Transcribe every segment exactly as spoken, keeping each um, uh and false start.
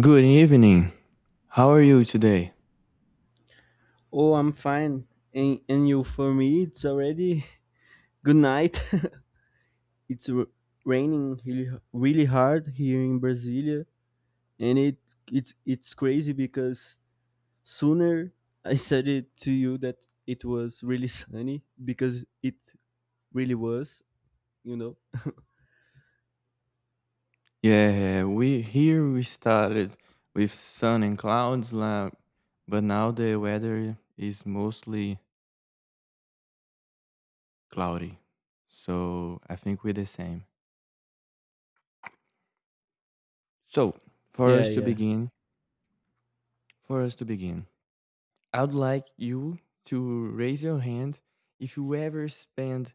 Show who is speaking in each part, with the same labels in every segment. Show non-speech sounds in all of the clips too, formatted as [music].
Speaker 1: Good evening. How are you today?
Speaker 2: Oh, I'm fine. And, and you, for me, it's already good night. [laughs] it's r- raining really, really hard here in Brasilia, and it it's it's crazy because sooner I [laughs] said it to you that it was really sunny because it really was, you know.
Speaker 1: Yeah, we here we started with sun and clouds, la- but now the weather is mostly cloudy. So I think we're the same. So for
Speaker 2: Yeah,
Speaker 1: us to
Speaker 2: yeah,
Speaker 1: begin, for us to begin, I'd like you to raise your hand if you ever spend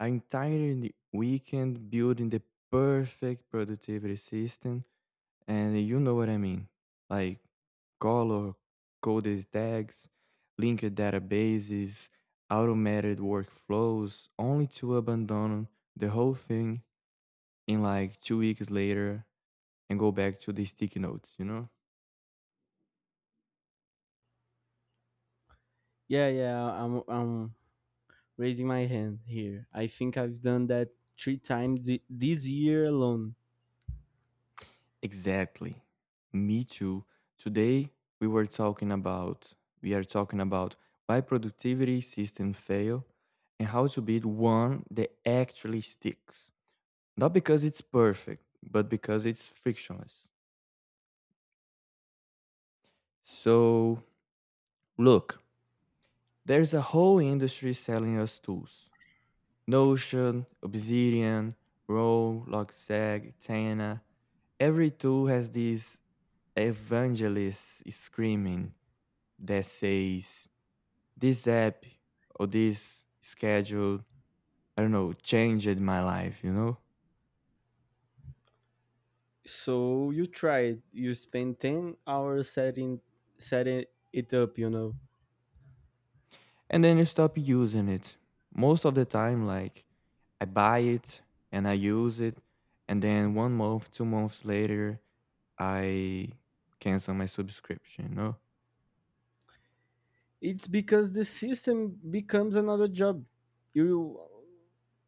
Speaker 1: an entire n- weekend building the perfect productivity system, and you know what I mean, like color coded tags, linked databases, automated workflows, only to abandon the whole thing in like two weeks later and go back to the sticky notes, you know?
Speaker 2: yeah, yeah. I'm I'm raising my hand here. I think I've done that three times thi- this year alone.
Speaker 1: Exactly. Me too. Today we were talking about we are talking about why productivity systems fail and how to build one that actually sticks. Not because it's perfect, but because it's frictionless. So, look, there's a whole industry selling us tools: Notion, Obsidian, Roll, Logsag, Tana. Every tool has these evangelists screaming that says, "this app or this schedule, I don't know, changed my life, you know?"
Speaker 2: So you tried. You spent ten hours setting setting it up. You know,
Speaker 1: And then you stop using it. Most of the time, like, I buy it and I use it, and then one month, two months later, I cancel my subscription, you know?
Speaker 2: it's because the system becomes another job. You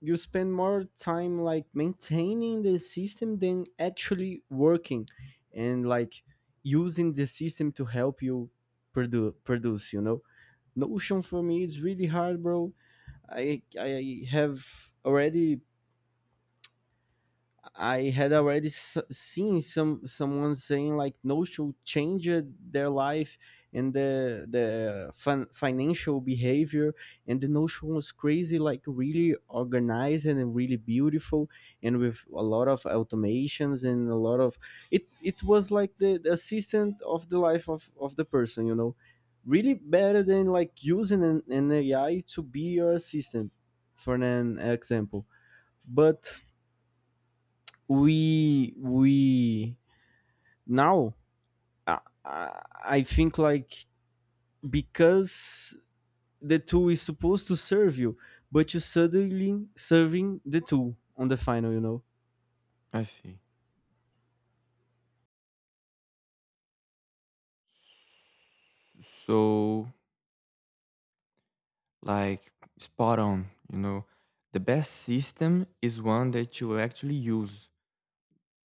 Speaker 2: you spend more time like maintaining the system than actually working, and like using the system to help you produ- produce. You know, Notion for me is really hard, bro. I I have already I had already s- seen some someone saying like Notion changed their life and the the fin- financial behavior, and the Notion was crazy, like really organized and really beautiful and with a lot of automations and a lot of, it it was like the, the assistant of the life of of the person you know Really better than like using an, an A I to be your assistant, for an example. But we we now I, I I think like, because the tool is supposed to serve you, but you suddenly serving the tool on the final. You know.
Speaker 1: I see. So, like, spot on, you know? The best system is one that you actually use.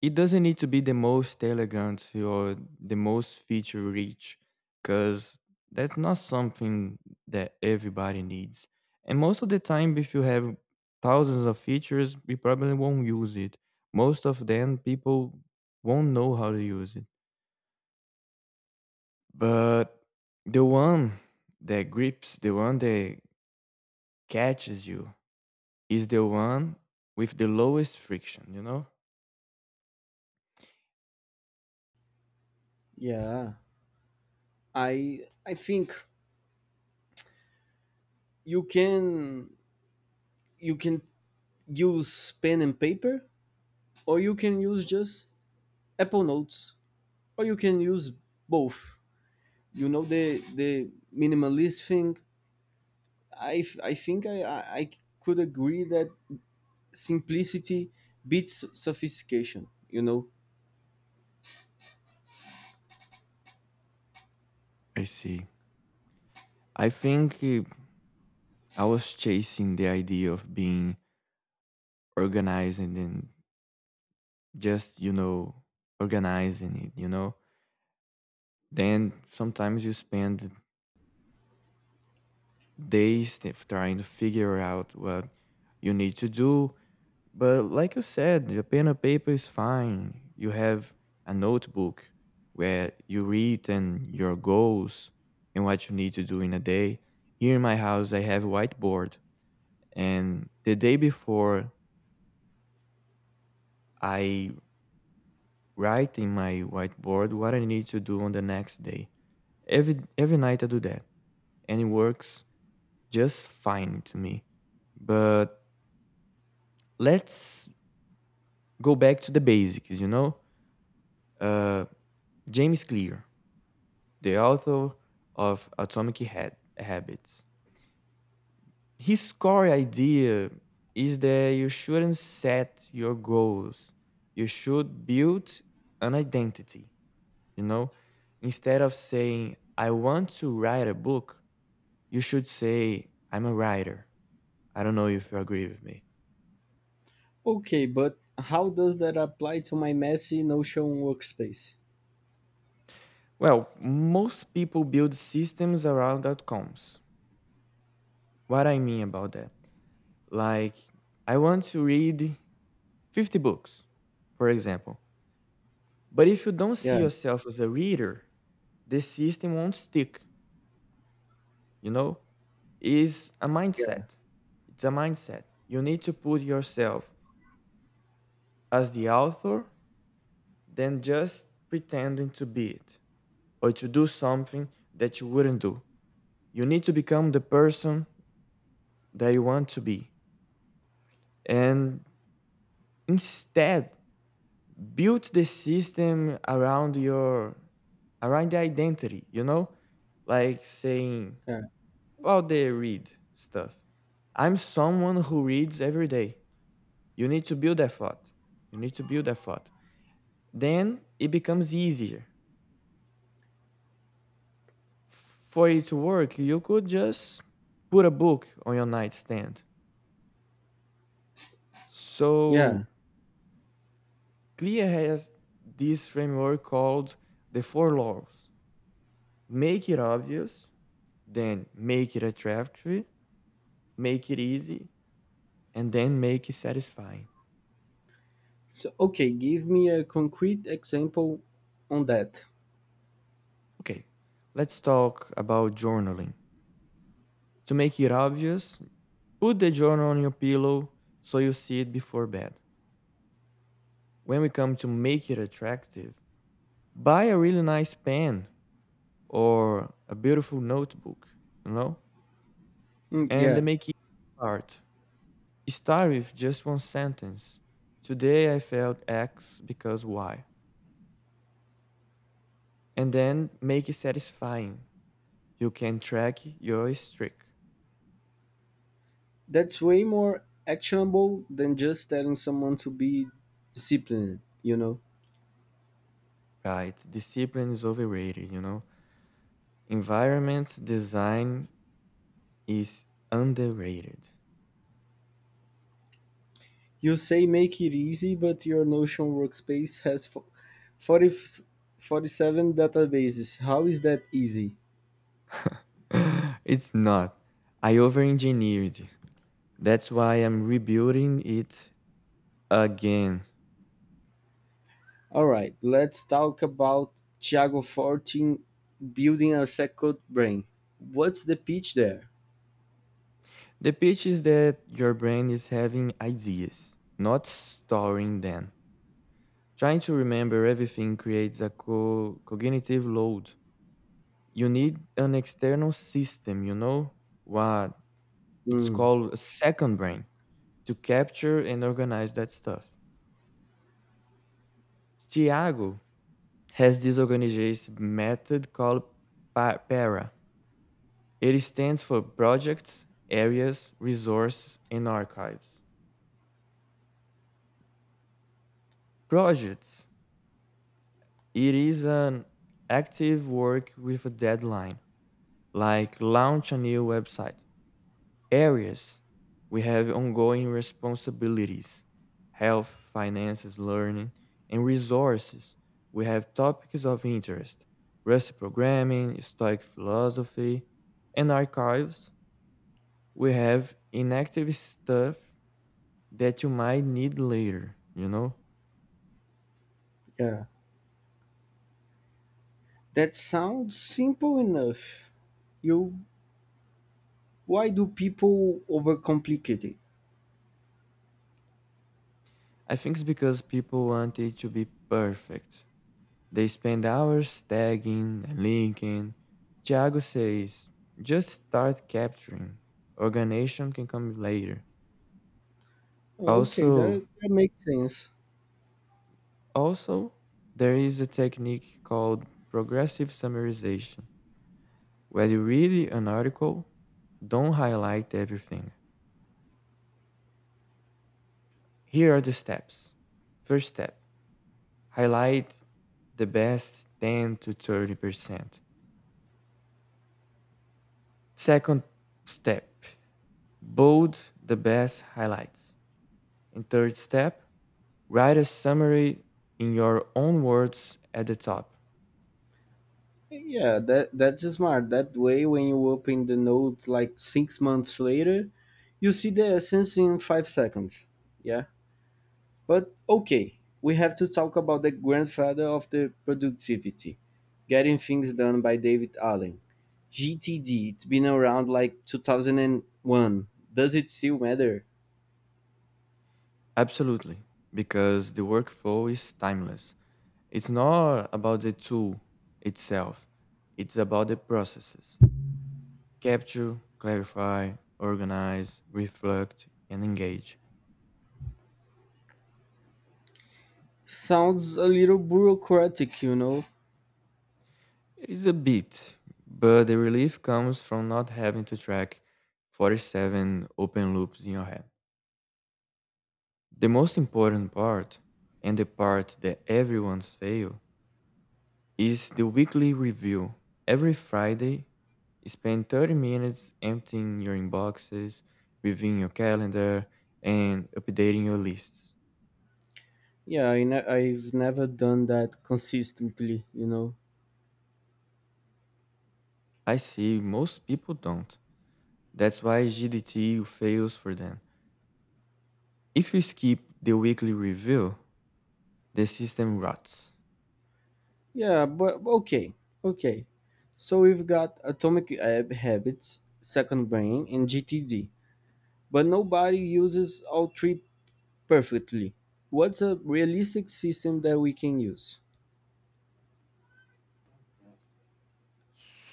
Speaker 1: It doesn't need to be the most elegant or the most feature rich, because that's not something that everybody needs. And most of the time, if you have thousands of features, you probably won't use it. Most of them, people won't know how to use it. But the one that grips, the one that catches you, is the one with the lowest friction, you know?
Speaker 2: Yeah. I I think you can you can use pen and paper, or you can use just Apple Notes, or you can use both. You know, the the minimalist thing. I f- I think I I, I could agree that simplicity beats sophistication, you know.
Speaker 1: I see. I think uh, I was chasing the idea of being organized and then just, you know, organizing it, you know? Then sometimes you spend days t- trying to figure out what you need to do. But like you said, the pen and paper is fine. You have a notebook where you read and your goals and what you need to do in a day. Here in my house, I have a whiteboard. And the day before, I write in my whiteboard what I need to do on the next day. Every every night I do that, and it works just fine to me. But let's go back to the basics, you know. Uh, James Clear, the author of Atomic Head Habits, his core idea is that you shouldn't set your goals. You should build an identity, you know. Instead of saying, "I want to write a book," you should say, "I'm a writer." I don't know if you agree with me.
Speaker 2: Okay, but how does that apply to my messy Notion workspace?
Speaker 1: Well, most people build systems around outcomes. What I mean about that? Like, I want to read fifty books, for example. But if you don't see
Speaker 2: Yeah,
Speaker 1: yourself as a reader, the system won't stick, you know? Is a
Speaker 2: yeah,
Speaker 1: mindset. It's a mindset. You need to put yourself as the author than just pretending to be it, or to do something that you wouldn't do. You need to become the person that you want to be. And instead, build the system around your around the identity, you know? Like saying
Speaker 2: yeah.
Speaker 1: about the read stuff, I'm someone who reads every day. You need to build that thought. You need to build that thought. Then it becomes easier. For it to work, you could just put a book on your nightstand. So
Speaker 2: Yeah.
Speaker 1: C L I A has this framework called the four laws. Make it obvious, then make it attractive, make it easy, and then make it satisfying.
Speaker 2: So, okay, give me a concrete example on that.
Speaker 1: Okay, let's talk about journaling. To make it obvious, put the journal on your pillow so you see it before bed. When we come to make it attractive, buy a really nice pen or a beautiful notebook, you know?
Speaker 2: Mm,
Speaker 1: And the
Speaker 2: yeah,
Speaker 1: make it part. Start with just one sentence. Today I felt X because Y. And then make it satisfying. You can track your streak.
Speaker 2: that's way more actionable than just telling someone to be disciplined, you know.
Speaker 1: Right. Discipline is overrated, you know. Environment design is underrated. [gasps]
Speaker 2: You say make it easy, but your Notion workspace has fo- forty, forty-seven databases. How is that easy?
Speaker 1: [laughs] It's not. I over engineered. That's why I'm rebuilding it again.
Speaker 2: All right, let's talk about Thiago Fortin building a second brain. What's the pitch there?
Speaker 1: The pitch is that your brain is having ideas, not storing them. Trying to remember everything creates a co- cognitive load. You need an external system, you know, what it's
Speaker 2: Hmm.
Speaker 1: called a second brain, to capture and organize that stuff. Tiago has this organization method called pa- PARA. It stands for Projects, Areas, Resources, and Archives. Projects: it is an active work with a deadline, like launch a new website. Areas: we have ongoing responsibilities, health, finances, learning. And resources: we have topics of interest, Rust programming, Stoic philosophy. And archives: we have inactive stuff that you might need later, you know?
Speaker 2: Yeah, that sounds simple enough. You, why do people overcomplicate it?
Speaker 1: I think it's because people want it to be perfect. They spend hours tagging and linking. Thiago says, just start capturing. Organization can come later.
Speaker 2: Okay,
Speaker 1: Also,
Speaker 2: that, that makes sense.
Speaker 1: also, there is a technique called progressive summarization, where you read an article, don't highlight everything. Here are the steps. First step, highlight the best ten to thirty percent. Second step, bold the best highlights. And third step, write a summary in your own words at the top.
Speaker 2: Yeah, that that's smart. That way, when you open the note like six months later, you see the essence in five seconds. Yeah. But okay, we have to talk about the grandfather of the productivity, Getting Things Done by David Allen. G T D, it's been around like two thousand one. Does it still matter?
Speaker 1: Absolutely, because the workflow is timeless. It's not about the tool itself, it's about the processes. Capture, clarify, organize, reflect, and engage.
Speaker 2: Sounds a little bureaucratic, you know?
Speaker 1: It is a bit, but the relief comes from not having to track forty-seven open loops in your head. The most important part, and the part that everyone's fail, is the weekly review. Every Friday, spend thirty minutes emptying your inboxes, reviewing your calendar, and updating your lists.
Speaker 2: Yeah, I ne- I've never done that consistently, you know?
Speaker 1: I see most people don't. That's why G D T fails for them. If you skip the weekly review, the system rots.
Speaker 2: Yeah, but okay, okay. So we've got Atomic Hab- Habits, Second Brain, and G T D. But nobody uses all three perfectly. What's a realistic system that we can use?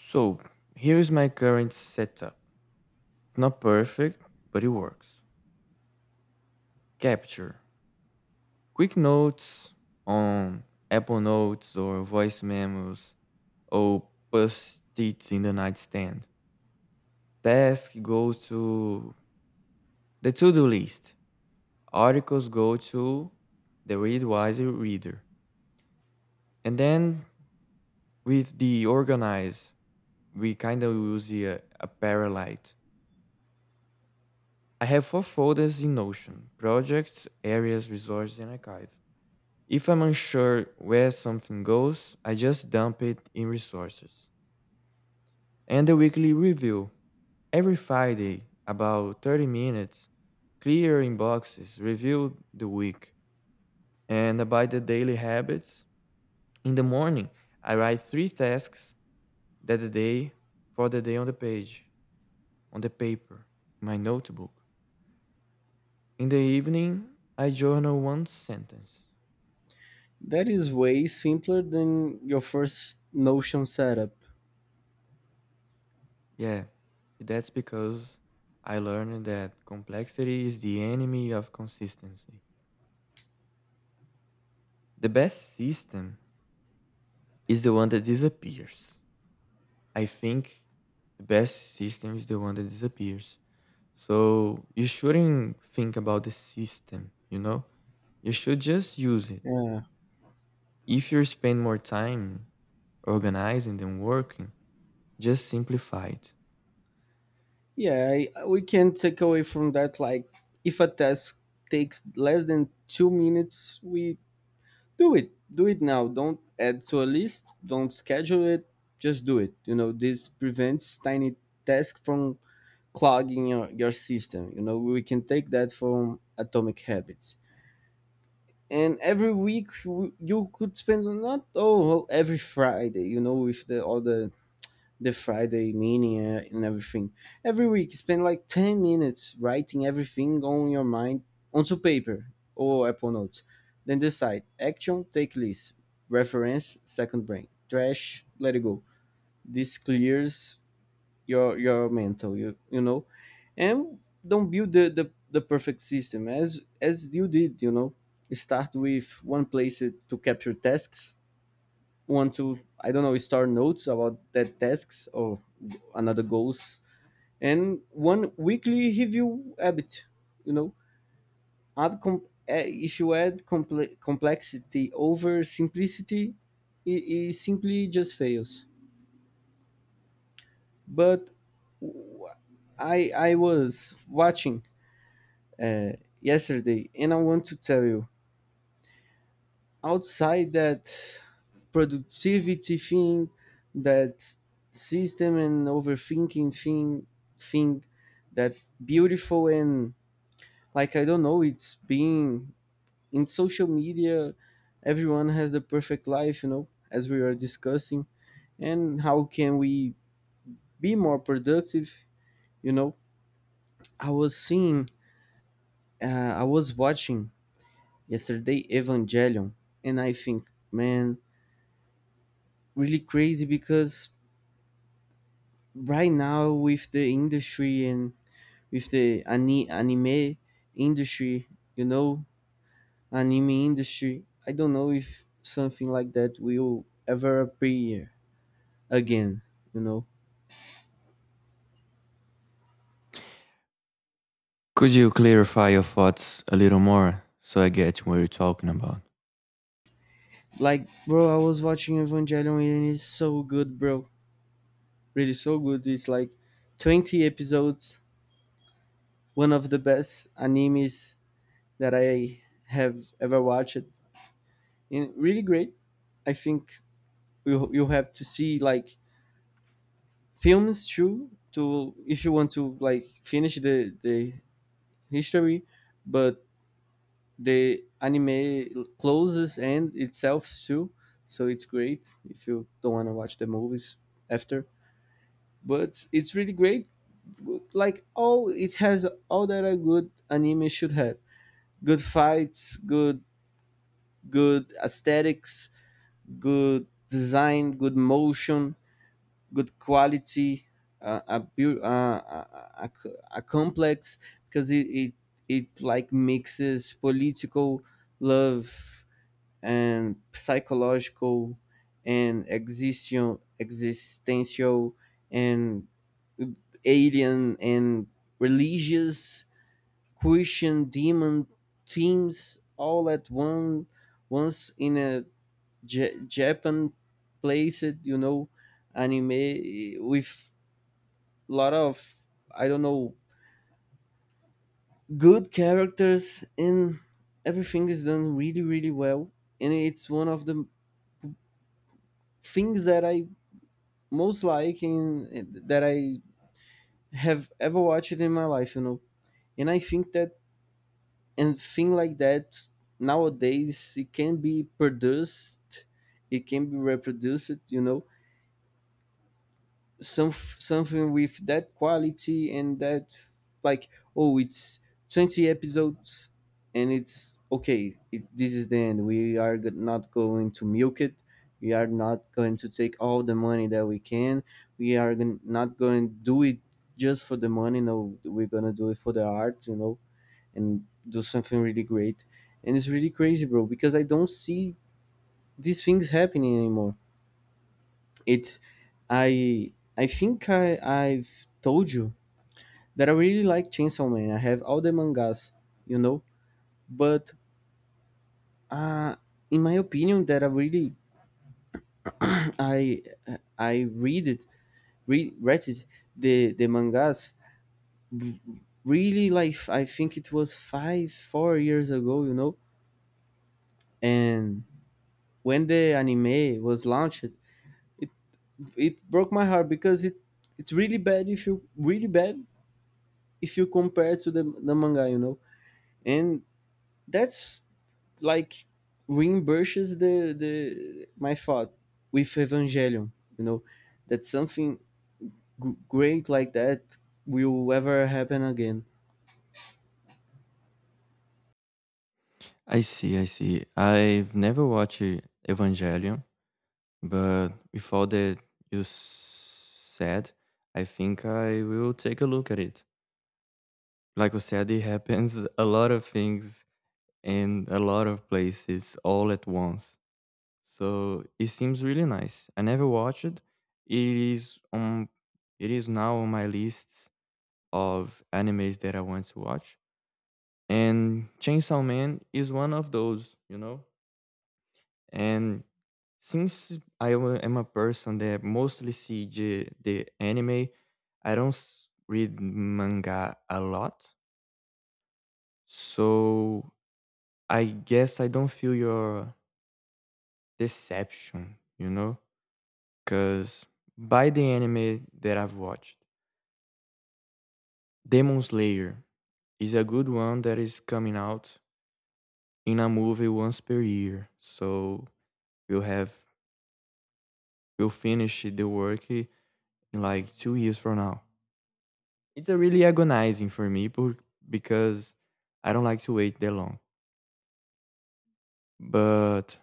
Speaker 1: So, here is my current setup. It's not perfect, but it works. Capture quick notes on Apple Notes or voice memos or post-its in the nightstand. Task goes to the to-do list. Articles go to the read wiser reader. And then with the organize, we kind of use a, a parallite. I have four folders in Notion: projects, areas, resources, and archive. If I'm unsure where something goes, I just dump it in resources. And the weekly review. Every Friday, about thirty minutes, clearing boxes, review the week, and about the daily habits. In the morning, I write three tasks that the day for the day on the page, on the paper, in my notebook. In the evening, I journal one sentence.
Speaker 2: That is way simpler than your first Notion setup.
Speaker 1: Yeah, that's because I learned that complexity is the enemy of consistency. The best system is the one that disappears. I think the best system is the one that disappears. So you shouldn't think about the system, you know? You should just use it.
Speaker 2: Yeah.
Speaker 1: If you spend more time organizing than working, just simplify it.
Speaker 2: Yeah, I, we can take away from that, like, if a task takes less than two minutes, we do it. Do it now. Don't add to a list, don't schedule it, just do it. You know, this prevents tiny tasks from clogging your, your system. You know, we can take that from Atomic Habits. And every week, w- you could spend, not, oh well, every Friday, you know with the all the the Friday mania and everything, every week spend like ten minutes writing everything on your mind onto paper or Apple Notes, then decide action, take list, reference second brain, trash, let it go. This clears your your mental you you know And don't build the, the the perfect system as as you did you know Start with one place to capture tasks, one to, I don't know, start notes about that tasks or another goals, and one weekly review habit you know add com- eh, if you add comple- complexity over simplicity, it, it simply just fails. But i i was watching uh, yesterday, and I want to tell you, outside that productivity thing, that system and overthinking thing, thing that beautiful, and, like, I don't know, it's being in social media. Everyone has the perfect life, you know, as we are discussing, and how can we be more productive? You know, I was seeing, uh, I was watching yesterday Evangelion, and I think, man, really crazy, because right now with the industry and with the ani- anime industry, you know, anime industry, I don't know if something like that will ever appear again, you know.
Speaker 1: Could you clarify your thoughts a little more so I get what you're talking about?
Speaker 2: Like, bro, I was watching Evangelion and it's so good, bro. Really so good. It's like twenty episodes, one of the best animes that I have ever watched. And really great. I think you you have to see, like, films true to, if you want to, like, finish the the history, but the anime l- closes and itself too, so it's great if you don't want to watch the movies after. But it's really great, like all it has all that a good anime should have: good fights, good good aesthetics, good design, good motion, good quality, uh, a, beau- uh, a, a, a complex, because it, it it like mixes political, love, and psychological and existential existential and alien and religious Christian demon themes, all at one once, in a J- Japan place it you know Anime with lot of, I don't know, good characters, and everything is done really really well, and it's one of the things that I most like, and that I have ever watched in my life you know And I think that, and thing like that nowadays, it can be produced, it can be reproduced you know some something with that quality, and that, like, oh, it's twenty episodes and it's okay, it, this is the end, we are go- not going to milk it, we are not going to take all the money that we can, we are gon- not going to do it just for the money, no, we're gonna do it for the art you know And do something really great. And it's really crazy, bro, because I don't see these things happening anymore. It's I I think I I've told you that I really like Chainsaw Man. I have all the mangas, you know. But uh, in my opinion, that I really [clears throat] I I read it, re- read it the the mangas, r- really, like I think it was five four years ago, you know. And when the anime was launched, it it broke my heart because it it's really bad, if you, really bad if you compare to the the manga, you know And that's like reimburses the the my thought with Evangelion. You know that something g- great like that will ever happen again.
Speaker 1: I see, I see. I've never watched uh, Evangelion, but with all that you s- said, I think I will take a look at it. Like I said, it happens a lot of things in a lot of places all at once. So it seems really nice. I never watched it. It is on it is now on my list of animes that I want to watch. And Chainsaw Man is one of those, you know? And since I wa- am a person that mostly see the, the anime, I don't s- read manga a lot. So I guess I don't feel your deception, you know? Because by the anime that I've watched, Demon Slayer is a good one that is coming out in a movie once per year. So we'll have we'll finish the work in like two years from now. It's a really agonizing for me por- because I don't like to wait that long. But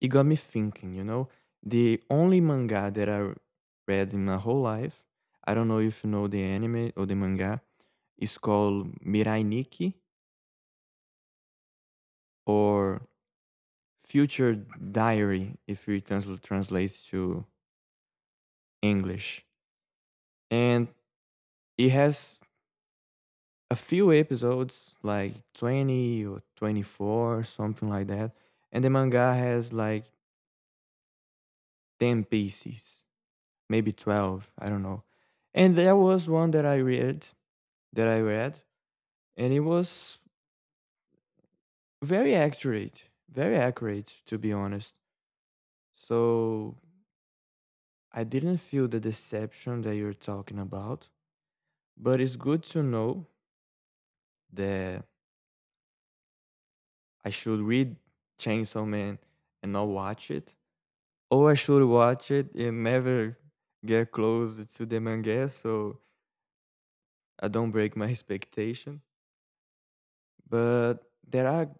Speaker 1: it got me thinking, you know? The only manga that I read in my whole life, I don't know if you know the anime or the manga, is called Mirai Nikki, or Future Diary, if we transl- translate to English. And it has a few episodes, like twenty or twenty-four, something like that. And the manga has like ten pieces, maybe twelve, I don't know. And there was one that I read that I read, and it was very accurate, very accurate to be honest. So I didn't feel the deception that you're talking about, but it's good to know that I should read Chainsaw Man and not watch it, or I should watch it and never get close to the manga so I don't break my [laughs] expectation. But there are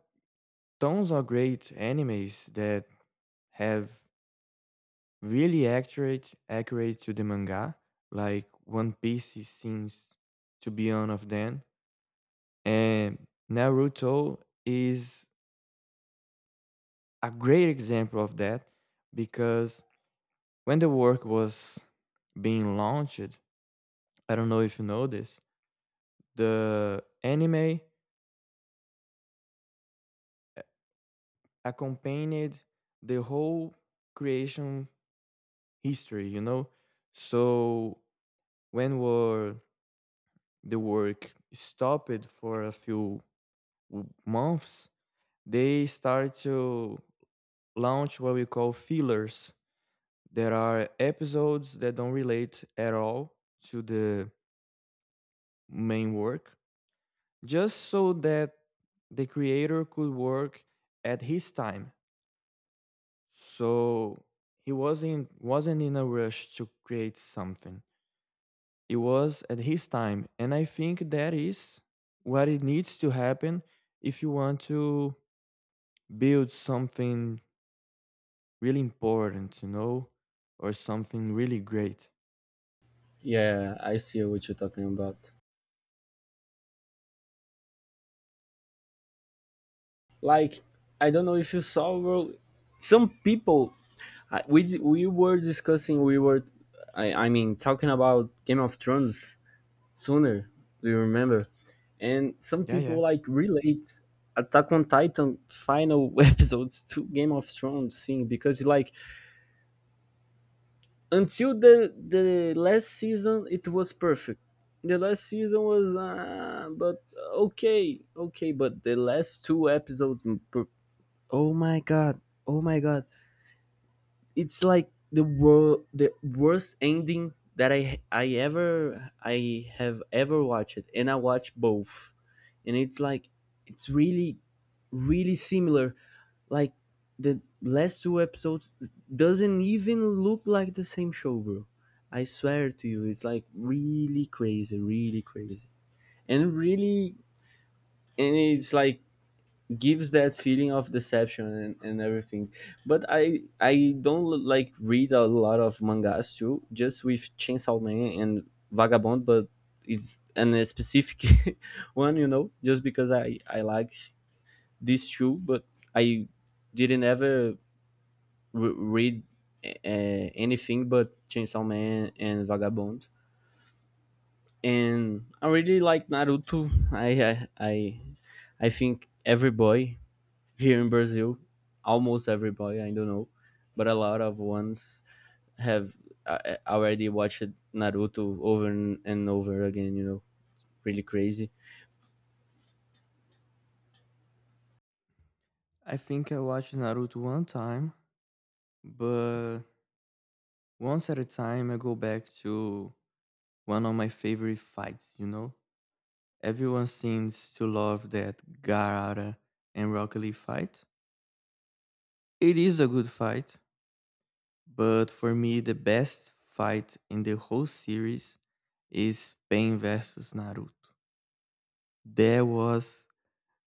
Speaker 1: tons of great animes that have really accurate accurate to the manga. Like One Piece is- seems to be one of them, and Naruto is a great example of that because when the work was being launched, I don't know if you know this, the anime a- accompanied the whole creation history, you know? So when were the work stopped for a few w- months, they start to launch what we call fillers. There are episodes that don't relate at all to the main work, just so that the creator could work at his time. So he wasn't wasn't in a rush to create something. It was at his time, and I think that is what it needs to happen if you want to build something really important, you know, or something really great.
Speaker 2: Yeah, I see what you're talking about. Like, I don't know if you saw, bro. Some people, I- we d- we were discussing, we were, I, I mean, talking about Game of Thrones, sooner. Do you remember? And some
Speaker 1: Yeah,
Speaker 2: people
Speaker 1: yeah.
Speaker 2: like relate Attack on Titan final [laughs] episodes to Game of Thrones thing, because, like, until the the last season it was perfect. The last season was, uh, but okay, okay, but the last two episodes, m- per- oh my god. Oh my god. It's like the world the worst ending that I I ever I have ever watched, and I watched both. And it's like it's really really similar, like the last two episodes doesn't even look like the same show, bro. I swear to you, it's like really crazy, really crazy. And really, and it's like gives that feeling of deception and, and everything. But i i don't like read a lot of mangas too, just with Chainsaw Man and Vagabond, but it's an a specific [laughs] one you know just because i i like this two, but I didn't ever re- read uh, anything but Chainsaw Man and Vagabond. And I really like Naruto. I I I, I think every boy here in Brazil, almost every boy, I don't know, but a lot of ones have uh, uh, already watched Naruto over and and over again. You know, really crazy,
Speaker 1: I think I watched Naruto one time, but once at a time I go back to one of my favorite fights, you know? Everyone seems to love that Gaara and Rocket Lee fight. It is a good fight, but for me the best fight in the whole series is Pain versus Naruto. That was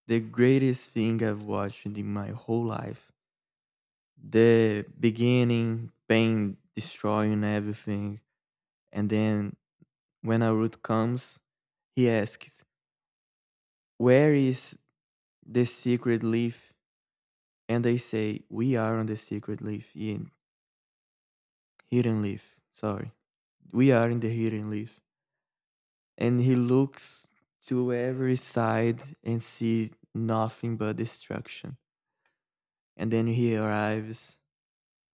Speaker 1: the greatest thing I've watched in my whole life. The beginning, Pain destroying everything, and then when Arut comes, he asks, "Where is the secret leaf?" And they say, "We are on the secret leaf." In hidden leaf, sorry, we are in the hidden leaf. And he looks to every side and sees nothing but destruction, and then he arrives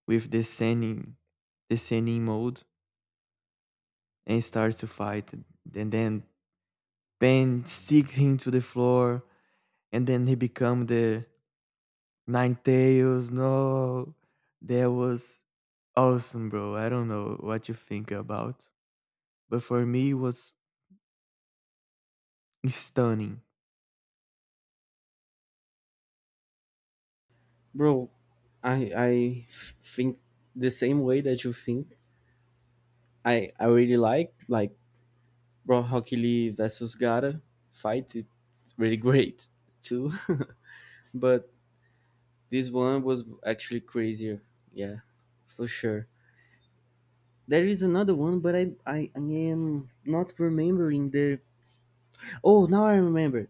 Speaker 1: with the sending, the sending mode, and starts to fight. And then Pain stick him to the floor, and then he become the Nine Tails. No, that was awesome, bro. I don't know what you think about, but for me, it was stunning.
Speaker 2: bro. I I think the same way that you think. I I really like like Bro Hockey Lee versus Gara fight. It- It's really great too, [laughs] but this one was actually crazier. Yeah, for sure. There is another one, but I I, I am not remembering the. Oh, now I remember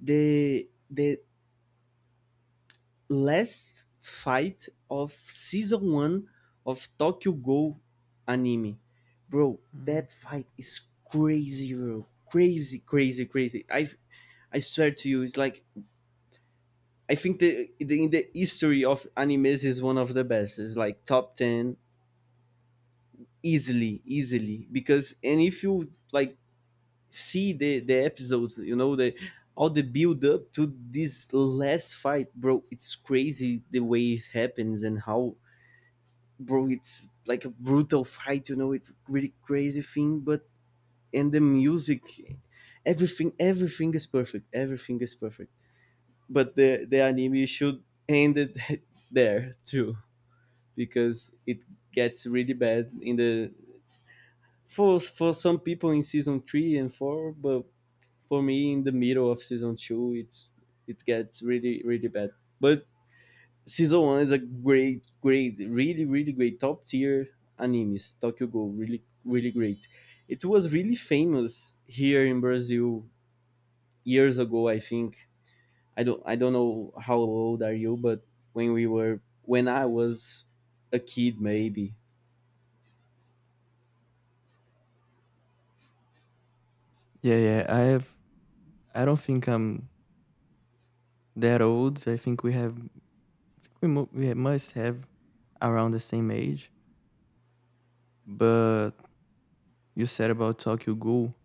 Speaker 2: the the last fight of season one of Tokyo Go anime, bro.
Speaker 1: Mm.
Speaker 2: That fight is crazy, bro. Crazy, crazy, crazy. I I swear to you, it's like, I think the, the in the history of animes is one of the best. It's like top ten, easily, easily. Because and if you like see the the episodes, you know the all the build up to this last fight, bro. It's crazy the way it happens and how, bro. It's like a brutal fight, you know. It's a really crazy thing, but and the music, everything, everything is perfect. Everything is perfect. But the the anime should end it [laughs] there too, because it gets really bad in the, for for some people in season three and four, but for me in the middle of season two, it's it gets really really bad. But season one is a great great really really great top tier animes. Tokyo Go, really really great. It was really famous here in Brazil years ago, I think. I don't I don't know how old are you, but when we were when I was a kid maybe.
Speaker 1: Yeah, yeah. I have. I don't think I'm that old. I think we have. We mu- we ha- must have around the same age. But you said about Tokyo Ghoul.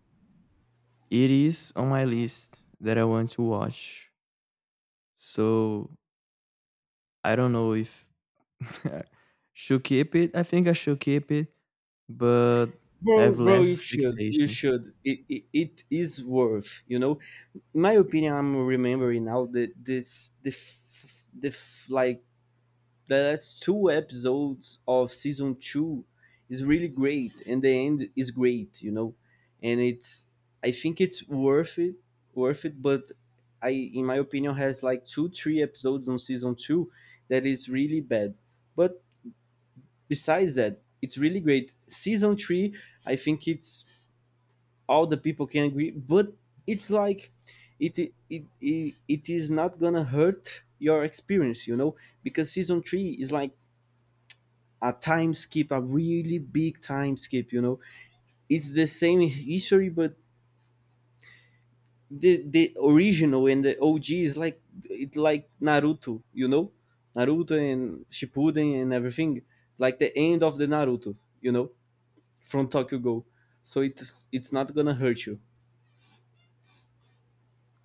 Speaker 1: It is on my list that I want to watch. So I don't know if [laughs] should keep it. I think I should keep it, but
Speaker 2: bro
Speaker 1: have
Speaker 2: bro
Speaker 1: less
Speaker 2: you should you
Speaker 1: expectations.
Speaker 2: should it, it, it is worth, you know, in my opinion. I'm remembering now that this the f- the f- like the last two episodes of season two is really great and the end is great, you know. And it's, I think it's worth it, worth it. But I, in my opinion, has like two three episodes on season two that is really bad. But besides that, it's really great. Season three, I think it's, all the people can agree, but it's like, it it it, it is not gonna hurt your experience, you know. Because season three is like a time skip, a really big time skip, you know. It's the same history, but the the original and the OG is like, it like Naruto, you know, Naruto and Shippuden and everything, like the end of the Naruto, you know, from Tokyo Go. So it's it's not gonna hurt you,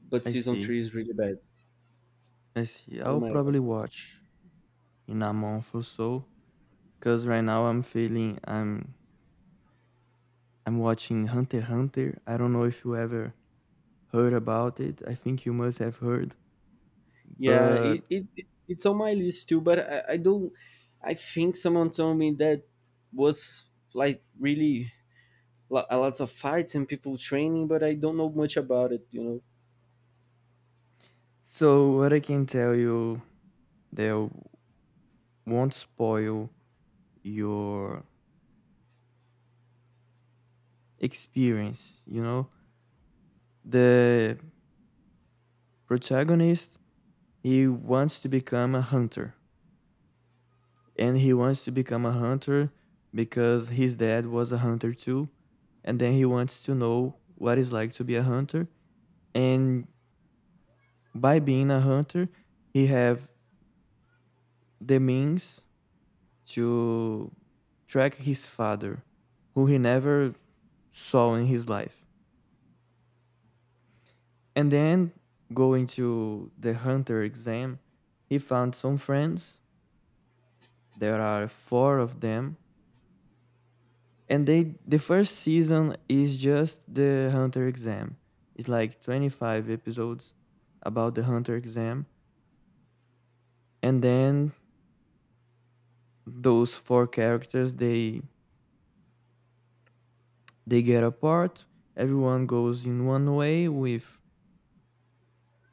Speaker 2: but
Speaker 1: I
Speaker 2: season
Speaker 1: see.
Speaker 2: three is really bad.
Speaker 1: I see.
Speaker 2: Oh
Speaker 1: I'll
Speaker 2: my god.
Speaker 1: probably watch in a month or so. Cause right now I'm feeling I'm I'm watching Hunter x Hunter. I don't know if you ever heard about it. I think you must have heard.
Speaker 2: Yeah,
Speaker 1: But
Speaker 2: it, it it- it's on my list too, but I, I don't. I think someone told me that was like really lo- a lots of fights and people training, but I don't know much about it, you know.
Speaker 1: so what I can tell you that won't spoil your experience, you know? The protagonist, he wants to become a hunter, and he wants to become a hunter because his dad was a hunter too, and then he wants to know what it's like to be a hunter. And by being a hunter, he have the means to track his father, who he never saw in his life. And then going to the hunter exam, he found some friends. There are four of them, and they the first season is just the hunter exam. It's like twenty-five episodes about the hunter exam. And then those four characters, they they get apart. Everyone goes in one way with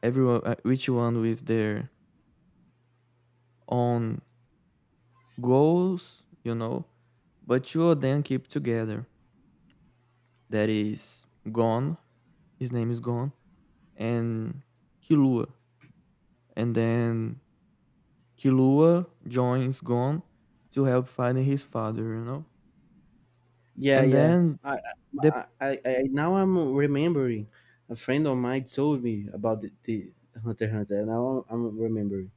Speaker 1: everyone, uh, each one with their own goals, you know. But two of them keep together, that is Gon. His name is Gon and Kilua. And then Kilua joins Gon to help find his father, you know?
Speaker 2: Yeah,
Speaker 1: And
Speaker 2: yeah.
Speaker 1: then
Speaker 2: I,
Speaker 1: the
Speaker 2: I, I, I now I'm remembering. A friend of mine told me about the, the Hunter x Hunter. And now I'm remembering.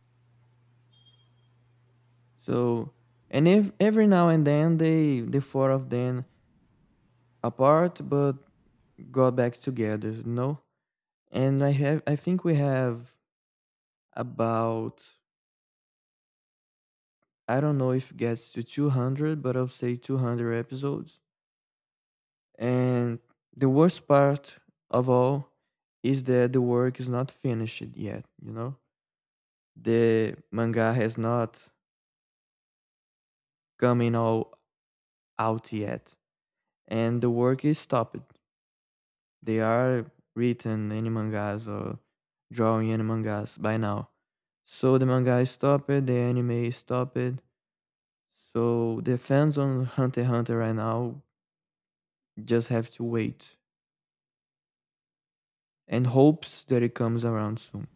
Speaker 1: so and if every now and then they, the four of them, apart but got back together, you know? And I have, I think we have about, I don't know if it gets to two hundred, but I'll say two hundred episodes. And the worst part of all is that the work is not finished yet, you know? The manga has not coming all out yet, and the work is stopped. They are written in mangas or drawing in mangas by now. So the manga is stopped, the anime is stopped. So the fans on Hunter x Hunter right now just have to wait and hopes that it comes around soon.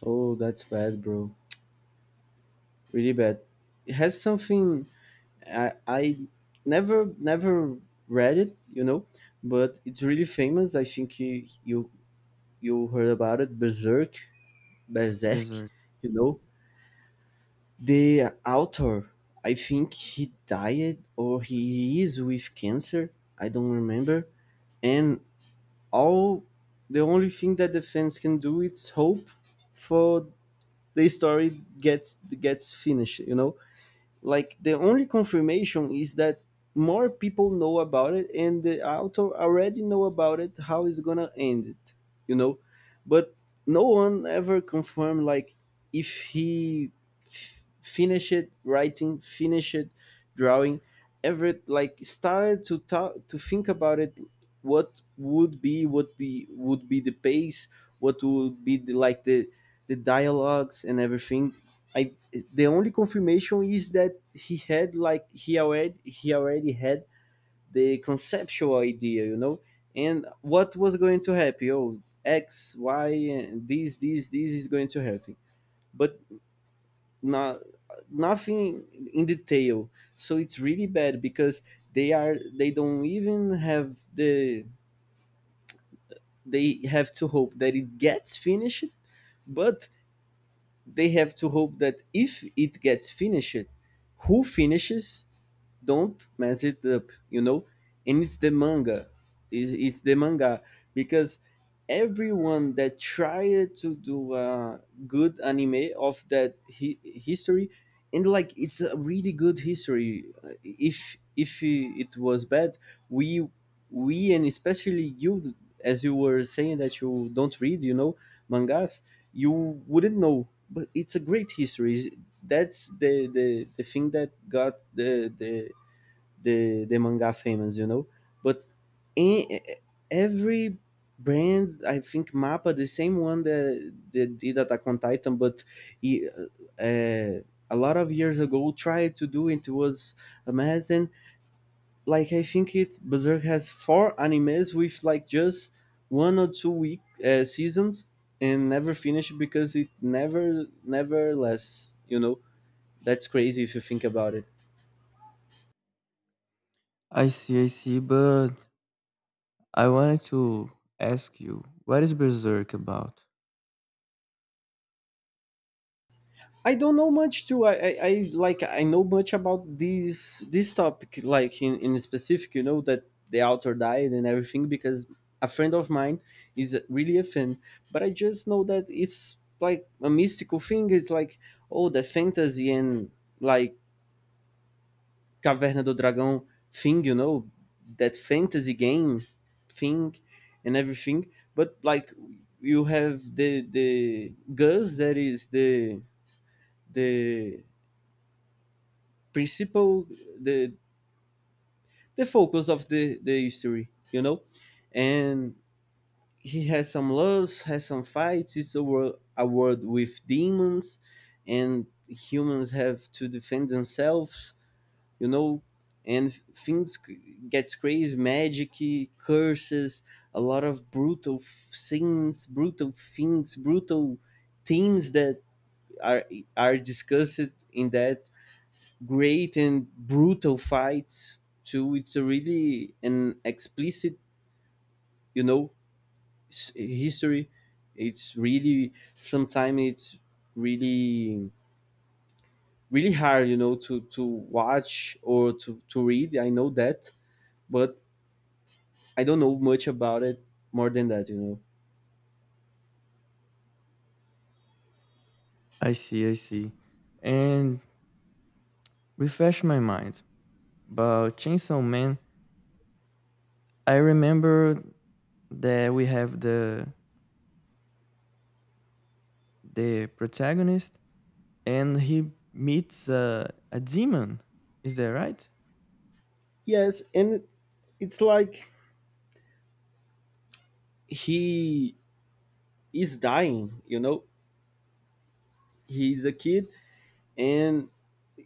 Speaker 2: Oh, that's bad, bro. Really bad. It has something, I, I never never read it, you know, but it's really famous. I think you you, you heard about it, Berserk, Berserk,
Speaker 1: Berserk.
Speaker 2: you know. The author, I think he died or he is with cancer. I don't remember. And all the only thing that the fans can do is hope for the story gets gets finished, you know. Like the only confirmation is that more people know about it and the author already know about it how it's gonna end it, you know. But no one ever confirmed, like, if he f- finished writing, finished drawing, ever like started to talk, to think about it, what would be, what be would be the pace, what would be the, like the the dialogues and everything. I, the only confirmation is that he had, like he already, he already had the conceptual idea, you know, and what was going to happen. Oh, X, Y, and this, this, this is going to happen, but not, nothing in detail. So it's really bad because they are, they don't even have the, they have to hope that it gets finished, but they have to hope that if it gets finished, who finishes don't mess it up, you know. And it's the manga, it's, it's the manga. Because everyone that tried to do a good anime of that hi- history, and like it's a really good history. Uh, if if I- it was bad, we we and especially you, as you were saying that you don't read, you know, mangas, you wouldn't know, but it's a great history. That's the the, the thing that got the, the the the manga famous, you know. But in, every brand, I think Mappa, the same one that, that did Attack on Titan, but he, uh, uh, a lot of years ago tried to do it. It was amazing. Like I think it, Berserk has four animes with like just one or two week uh, seasons, and never finished because it never never lasts. You know, that's crazy if you think about it.
Speaker 1: I see, I see, but I wanted to ask you, what is Berserk about?
Speaker 2: I don't know much too. I, I, I like I know much about this this topic, like in, in specific, you know, that the author died and everything because a friend of mine is really a fan. But I just know that it's like a mystical thing. It's like, oh, the fantasy and, like, Caverna do Dragão thing, you know, that fantasy game thing and everything. But like, you have the the Gus that is the the principal, the the focus of the the history, you know. And he has some loves, has some fights. It's a world, a world with demons, and humans have to defend themselves, you know. And things c- gets crazy, magic, curses, a lot of brutal f- scenes, brutal things, brutal themes that are are discussed in that, great and brutal fights too. It's a really an explicit, you know, s- history. It's really, sometimes it's really really hard, you know, to to watch or to to read. I know that, but I don't know much about it more than that, you know.
Speaker 1: I see, I see. And refresh my mind. But Chainsaw Man, I remember that we have the the protagonist and he meets uh, a demon. Is that right?
Speaker 2: Yes, and it's like he is dying, you know. He's a kid, and I-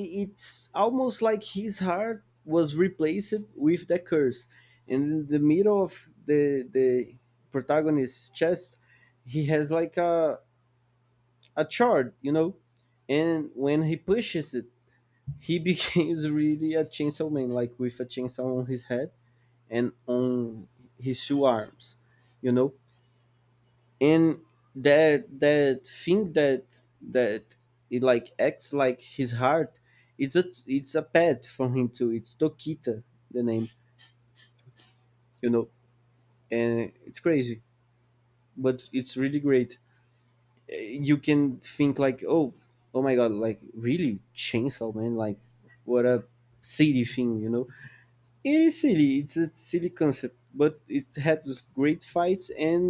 Speaker 2: I- it's almost like his heart was replaced with the curse, and in the middle of the the protagonist's chest he has like a a chart, you know. And when he pushes it, he [laughs] becomes really a chainsaw man, like with a chainsaw on his head and on his two arms, you know. And that that thing that, that, it like acts like his heart. It's a, it's a pet for him too, it's Tokita the name, you know. And it's crazy, but it's really great. Uh, you can think like, oh, oh my god, like really chainsaw man, like what a silly thing, you know. It is silly, it's a silly concept, but it has great fights, and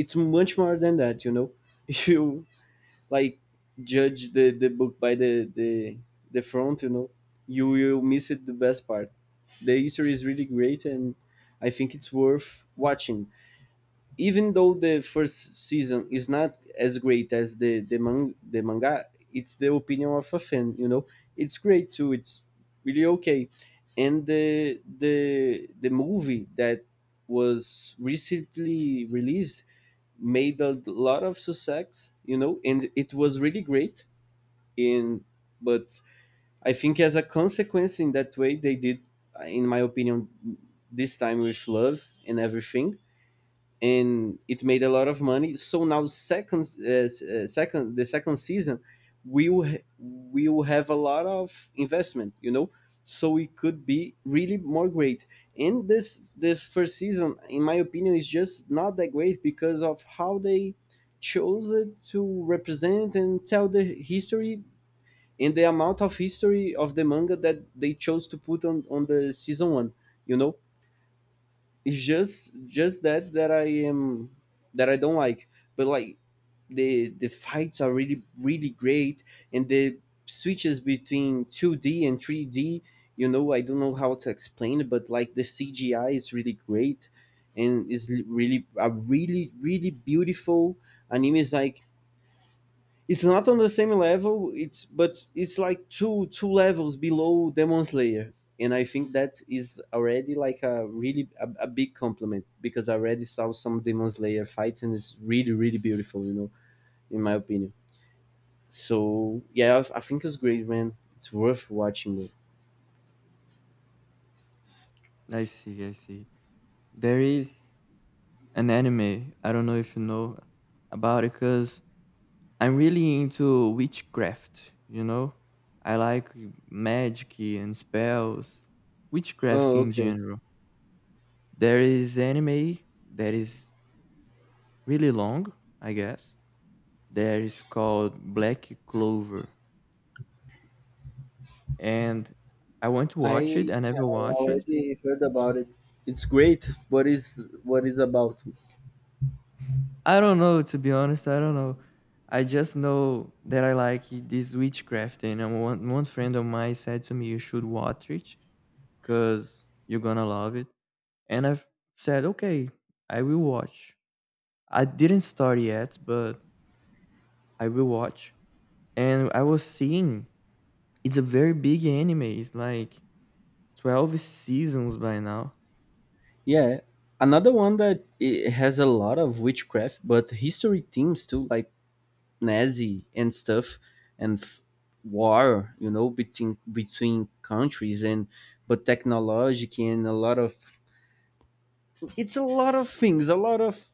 Speaker 2: it's much more than that, you know. [laughs] If you, like, judge the the book by the the the front, you know, you will miss it, the best part. The history is really great, and I think it's worth watching. Even though the first season is not as great as the the, man- the manga, it's the opinion of a fan, you know. It's great too, it's really okay. And the the the movie that was recently released made a lot of success, you know, and it was really great in, but I think as a consequence in that way they did, in my opinion, this time, with love and everything, and it made a lot of money. So now second uh, s- uh, second, the second season we will ha- we will have a lot of investment, you know. So it could be really more great. And this this first season, in my opinion, is just not that great because of how they chose it to represent and tell the history, and the amount of history of the manga that they chose to put on, on the season one, you know. It's just just that, that I am, that I don't like. But like, the the fights are really really great, and the switches between two d and three d, you know, I don't know how to explain it, but like the CGI is really great, and is really a really really beautiful anime. Is like, it's not on the same level. It's but it's like two two levels below Demon Slayer, and I think that is already like a really a, a big compliment because I already saw some Demon Slayer fights and it's really really beautiful. You know, in my opinion. So yeah, I, I think it's great, man. It's worth watching, bro.
Speaker 1: I see, I see. There is an anime. I don't know if you know about it because I'm really into witchcraft, you know? I like magic and spells, witchcraft
Speaker 2: Oh,
Speaker 1: in
Speaker 2: okay.
Speaker 1: general. There is anime that is really long, I guess, that is called Black Clover, and I want to watch
Speaker 2: I
Speaker 1: it. I never
Speaker 2: I
Speaker 1: watched it.
Speaker 2: already heard about it. It's great. What is, what is about?
Speaker 1: I don't know, to be honest. I don't know. I just know that I like this witchcraft, and um, one one friend of mine said to me, "You should watch it, cause you're gonna love it." And I've said, "Okay, I will watch." I didn't start yet, but I will watch. And I was seeing it's a very big anime. It's like twelve seasons by now.
Speaker 2: Yeah, another one that it has a lot of witchcraft, but history themes too, like Nazi and stuff, and f- war, you know, between between countries, and but technology and a lot of, it's a lot of things, a lot of,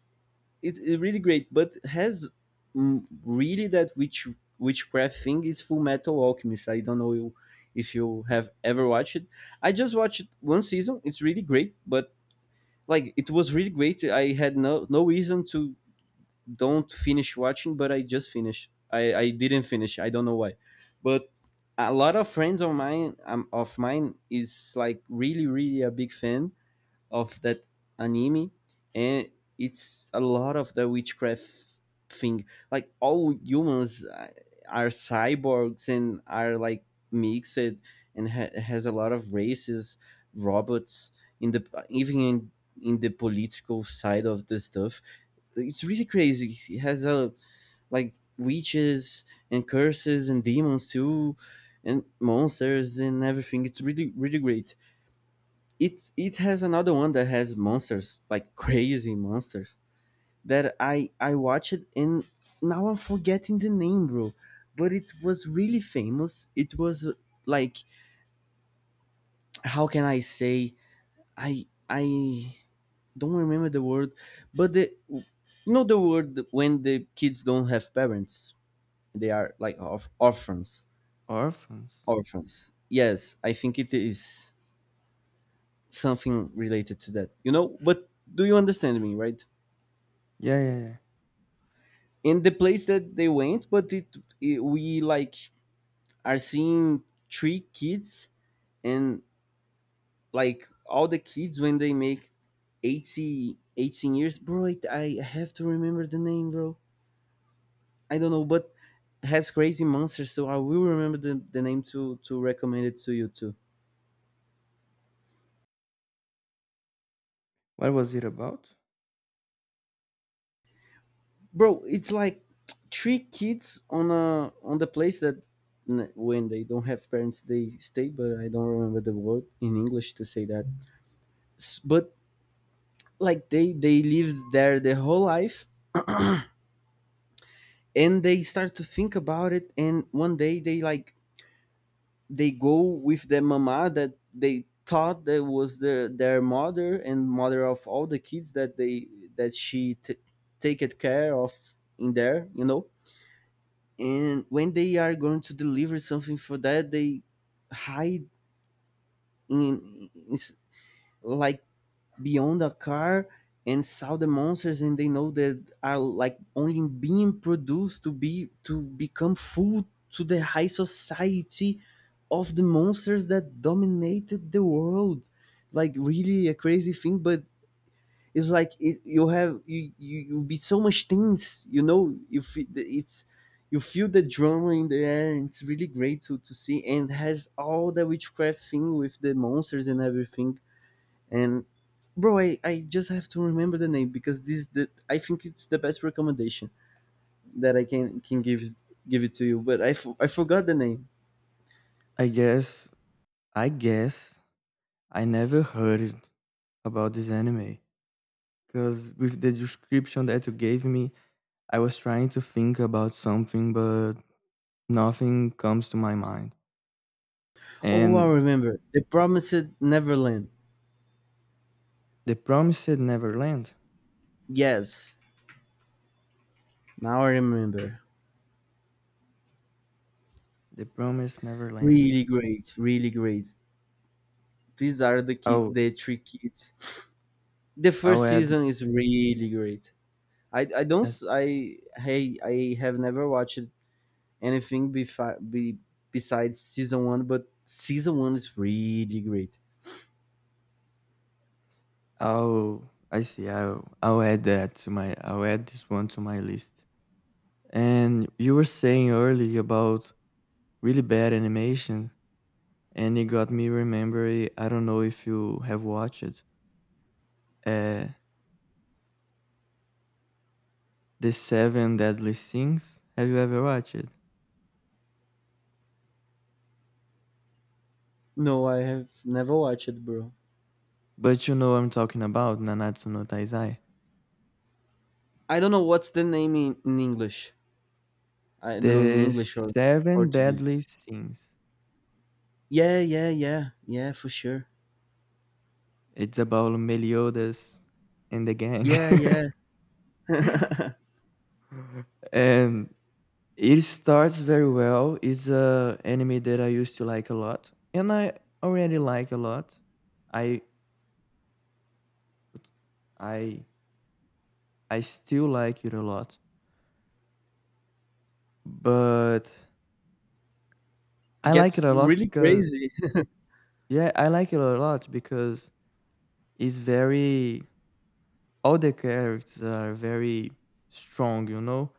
Speaker 2: it's it's really great, but has, mm, really that witch witchcraft thing, is Full Metal Alchemist. I don't know you, if you have ever watched it. I just watched one season. It's really great, but like, it was really great. I had no no reason to don't finish watching, but I just finished. I I didn't finish. I don't know why, but a lot of friends of mine, um, of mine is like really really a big fan of that anime. And it's a lot of the witchcraft thing, like all humans, uh, are cyborgs and are like mixed, and ha- has a lot of races, robots, in the, even in, in the political side of the stuff. It's really crazy. It has a, like, witches and curses and demons too, and monsters and everything. It's really really great. it it has another one that has monsters, like crazy monsters, that I I watched, and now I'm forgetting the name, bro. But it was really famous. It was uh, like, how can I say, I I don't remember the word, but the you know the word when the kids don't have parents, they are like orph- orphans.
Speaker 1: Orphans.
Speaker 2: Orphans. Yes, I think it is something related to that. You know, but do you understand me, right?
Speaker 1: Yeah, yeah, yeah.
Speaker 2: In the place that they went, but it, it we like are seeing three kids. And like all the kids when they make eighty eighteen years, bro, it, I have to remember the name, bro. I don't know, but has crazy monsters, so I will remember the, the name to to recommend it to you too.
Speaker 1: What was it about?
Speaker 2: Bro, it's like three kids on a on the place that n- when they don't have parents they stay, but I don't remember the word in English to say that. S- but like they they lived there their whole life. And they start to think about it, and one day they like they go with their mama that they thought that was their their mother, and mother of all the kids that they that she t- take it care of in there, you know. And when they are going to deliver something for that, they hide in, in in s- like beyond a car, and saw the monsters, and they know that are like only being produced to be to become food to the high society of the monsters that dominated the world. Like really a crazy thing. But it's like it, you have you, you you be so much things, you know, you feel it's you feel the drama in the air, and it's really great to, to see, and has all the witchcraft thing with the monsters and everything. And bro, I, I just have to remember the name, because this is the I think it's the best recommendation that I can can give it- give it to you. But I, f- I forgot the name.
Speaker 1: I guess, I guess, I never heard about this anime. Because with the description that you gave me, I was trying to think about something, but nothing comes to my mind.
Speaker 2: Oh, I
Speaker 1: And
Speaker 2: remember. The Promised Neverland.
Speaker 1: the Promised Neverland.
Speaker 2: Yes, now I remember.
Speaker 1: The Promised Neverland.
Speaker 2: Really great, really great. These are the ki-
Speaker 1: Oh,
Speaker 2: the three kids. The
Speaker 1: I'll
Speaker 2: first
Speaker 1: add.
Speaker 2: season is really great. I, I don't
Speaker 1: as-
Speaker 2: s- I Hey, I have never watched anything befi- be, besides season one, but season one is really great.
Speaker 1: I'll. I see. I'll. I'll add that to my. I'll add this one to my list. And you were saying earlier about really bad animation. And it got me remembering. I don't know if you have watched uh, the Seven Deadly Sins. Have you ever watched it?
Speaker 2: No, I have never watched it, bro.
Speaker 1: But you know I'm talking about Nanatsu no Taizai.
Speaker 2: I don't know what's the name in, in English. I don't know in
Speaker 1: The
Speaker 2: English or
Speaker 1: Seven
Speaker 2: Portuguese.
Speaker 1: Deadly Sins.
Speaker 2: Yeah, yeah, yeah, yeah, for sure.
Speaker 1: It's about Meliodas and the gang.
Speaker 2: Yeah, yeah. [laughs] It
Speaker 1: [laughs] And it starts very well. It's a anime that I used to like a lot, and I already like a lot. I I I still like it a lot. But I like it
Speaker 2: gets
Speaker 1: a lot
Speaker 2: really
Speaker 1: because
Speaker 2: crazy.
Speaker 1: yeah, I like it a lot because it's very all the characters are very strong, you know?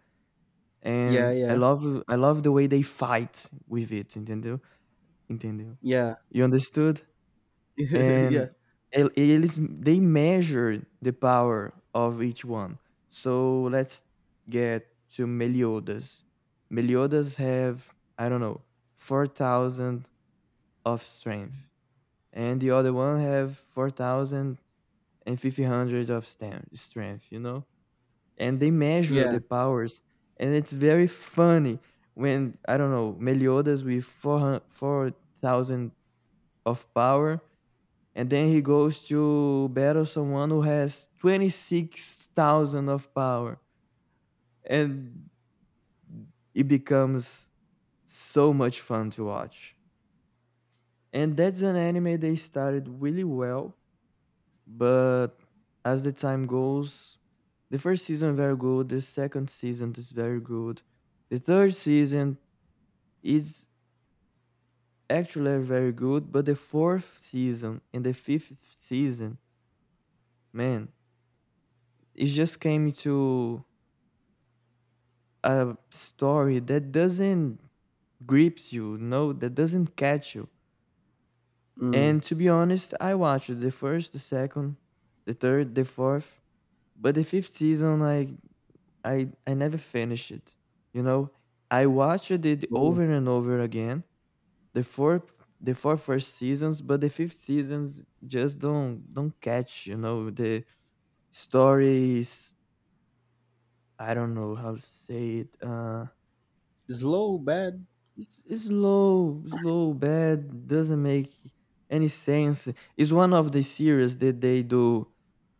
Speaker 2: [laughs] Yeah,
Speaker 1: And I
Speaker 2: yeah,
Speaker 1: love I love the way they fight with it, entendeu? Entendeu?
Speaker 2: yeah.
Speaker 1: You understood?
Speaker 2: [laughs] Yeah,
Speaker 1: And el- eles they measure the power of each one. So let's get to Meliodas. Meliodas have, I don't know, four thousand of strength. And the other one have four thousand five hundred of stem, strength, you know. And they measure
Speaker 2: yeah.
Speaker 1: the powers. And it's very funny when, I don't know, Meliodas with four thousand of power, and then he goes to battle someone who has twenty-six thousand of power, and it becomes so much fun to watch. And that's an anime they started really well. But as the time goes, the first season very good, the second season is very good, the third season is actually very good, but the fourth season and the fifth season, man, it just came to a story that doesn't grips you, no, that doesn't catch you.
Speaker 2: Mm.
Speaker 1: And to be honest, I watched the first, the second, the third, the fourth, but the fifth season, like, I I never finished it. You know, I watched it
Speaker 2: Slow,
Speaker 1: over and over again. The four the four first seasons, but the fifth seasons just don't don't catch. You know, the story is, I don't know how to say it. Uh,
Speaker 2: slow, bad.
Speaker 1: it's, it's slow, slow, bad. Doesn't make any sense. It's one of the series that they do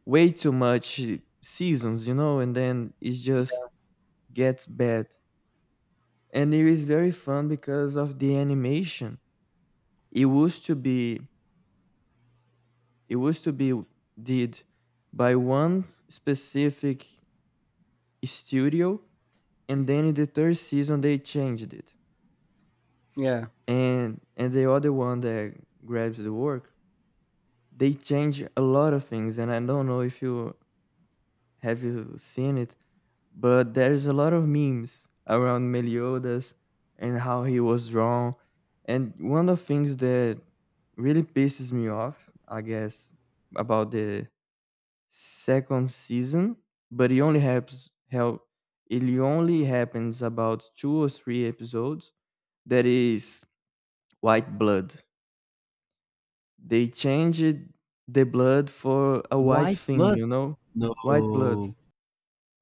Speaker 1: way too much seasons. You know, and then it just gets bad. And it is very fun because of the animation. It used to be it used to be did by one specific studio, and then in the third season they changed it,
Speaker 2: Yeah.
Speaker 1: and and the other one that grabs the work, they change a lot of things, and I don't know if you, have you seen it, but there's a lot of memes around Meliodas and how he was drawn. And one of the things that really pisses me off, I guess, about the second season, but it only happens help it only happens about two or three episodes. That is white blood. They changed the blood for a white
Speaker 2: White
Speaker 1: thing,
Speaker 2: blood.
Speaker 1: you know?
Speaker 2: No.
Speaker 1: White blood.
Speaker 2: Oh.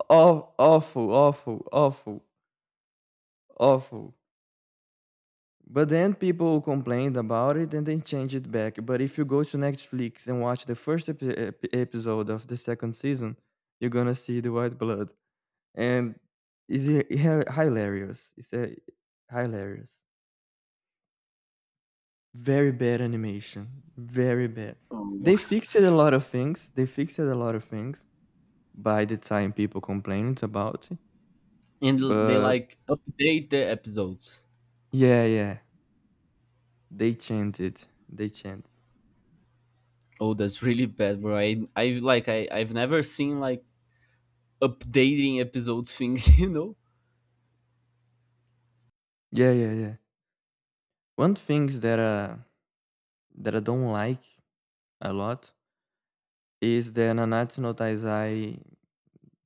Speaker 1: Oh, awful, awful, awful, awful. But then people complained about it and they changed it back. But if you go to Netflix and watch the first epi- epi- episode of the second season, you're gonna see the white blood, and it's hi- hi- hilarious. It's a hilarious, very bad animation, very bad. They fixed a lot of things. They fixed a lot of things by the time people complained about it.
Speaker 2: And l- they
Speaker 1: But
Speaker 2: like update the episodes.
Speaker 1: yeah, yeah, they changed it. They changed.
Speaker 2: Oh, that's really bad, bro. I I've like I I've never seen like updating episodes thing, [laughs] you know?
Speaker 1: Yeah, yeah, yeah. One things that uh that I don't like a lot is the Nanatsu no Taizai.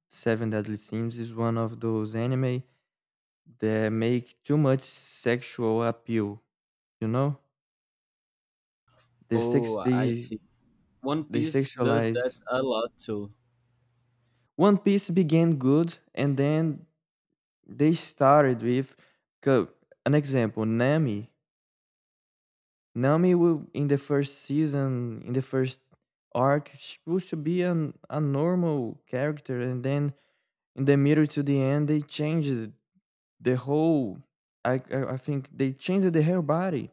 Speaker 1: Seven Deadly Sins is one of those anime that make too much sexual appeal, you know? They sex
Speaker 2: Oh, I
Speaker 1: they
Speaker 2: see. One
Speaker 1: they
Speaker 2: Piece does that
Speaker 1: sexualize.
Speaker 2: a lot too.
Speaker 1: One Piece began good and then they started with co- an example, Nami. Nami will in the first season, in the first arc, she was to be an, a normal character, and then in the middle to the end they changed the whole, i i, I think they changed the whole body.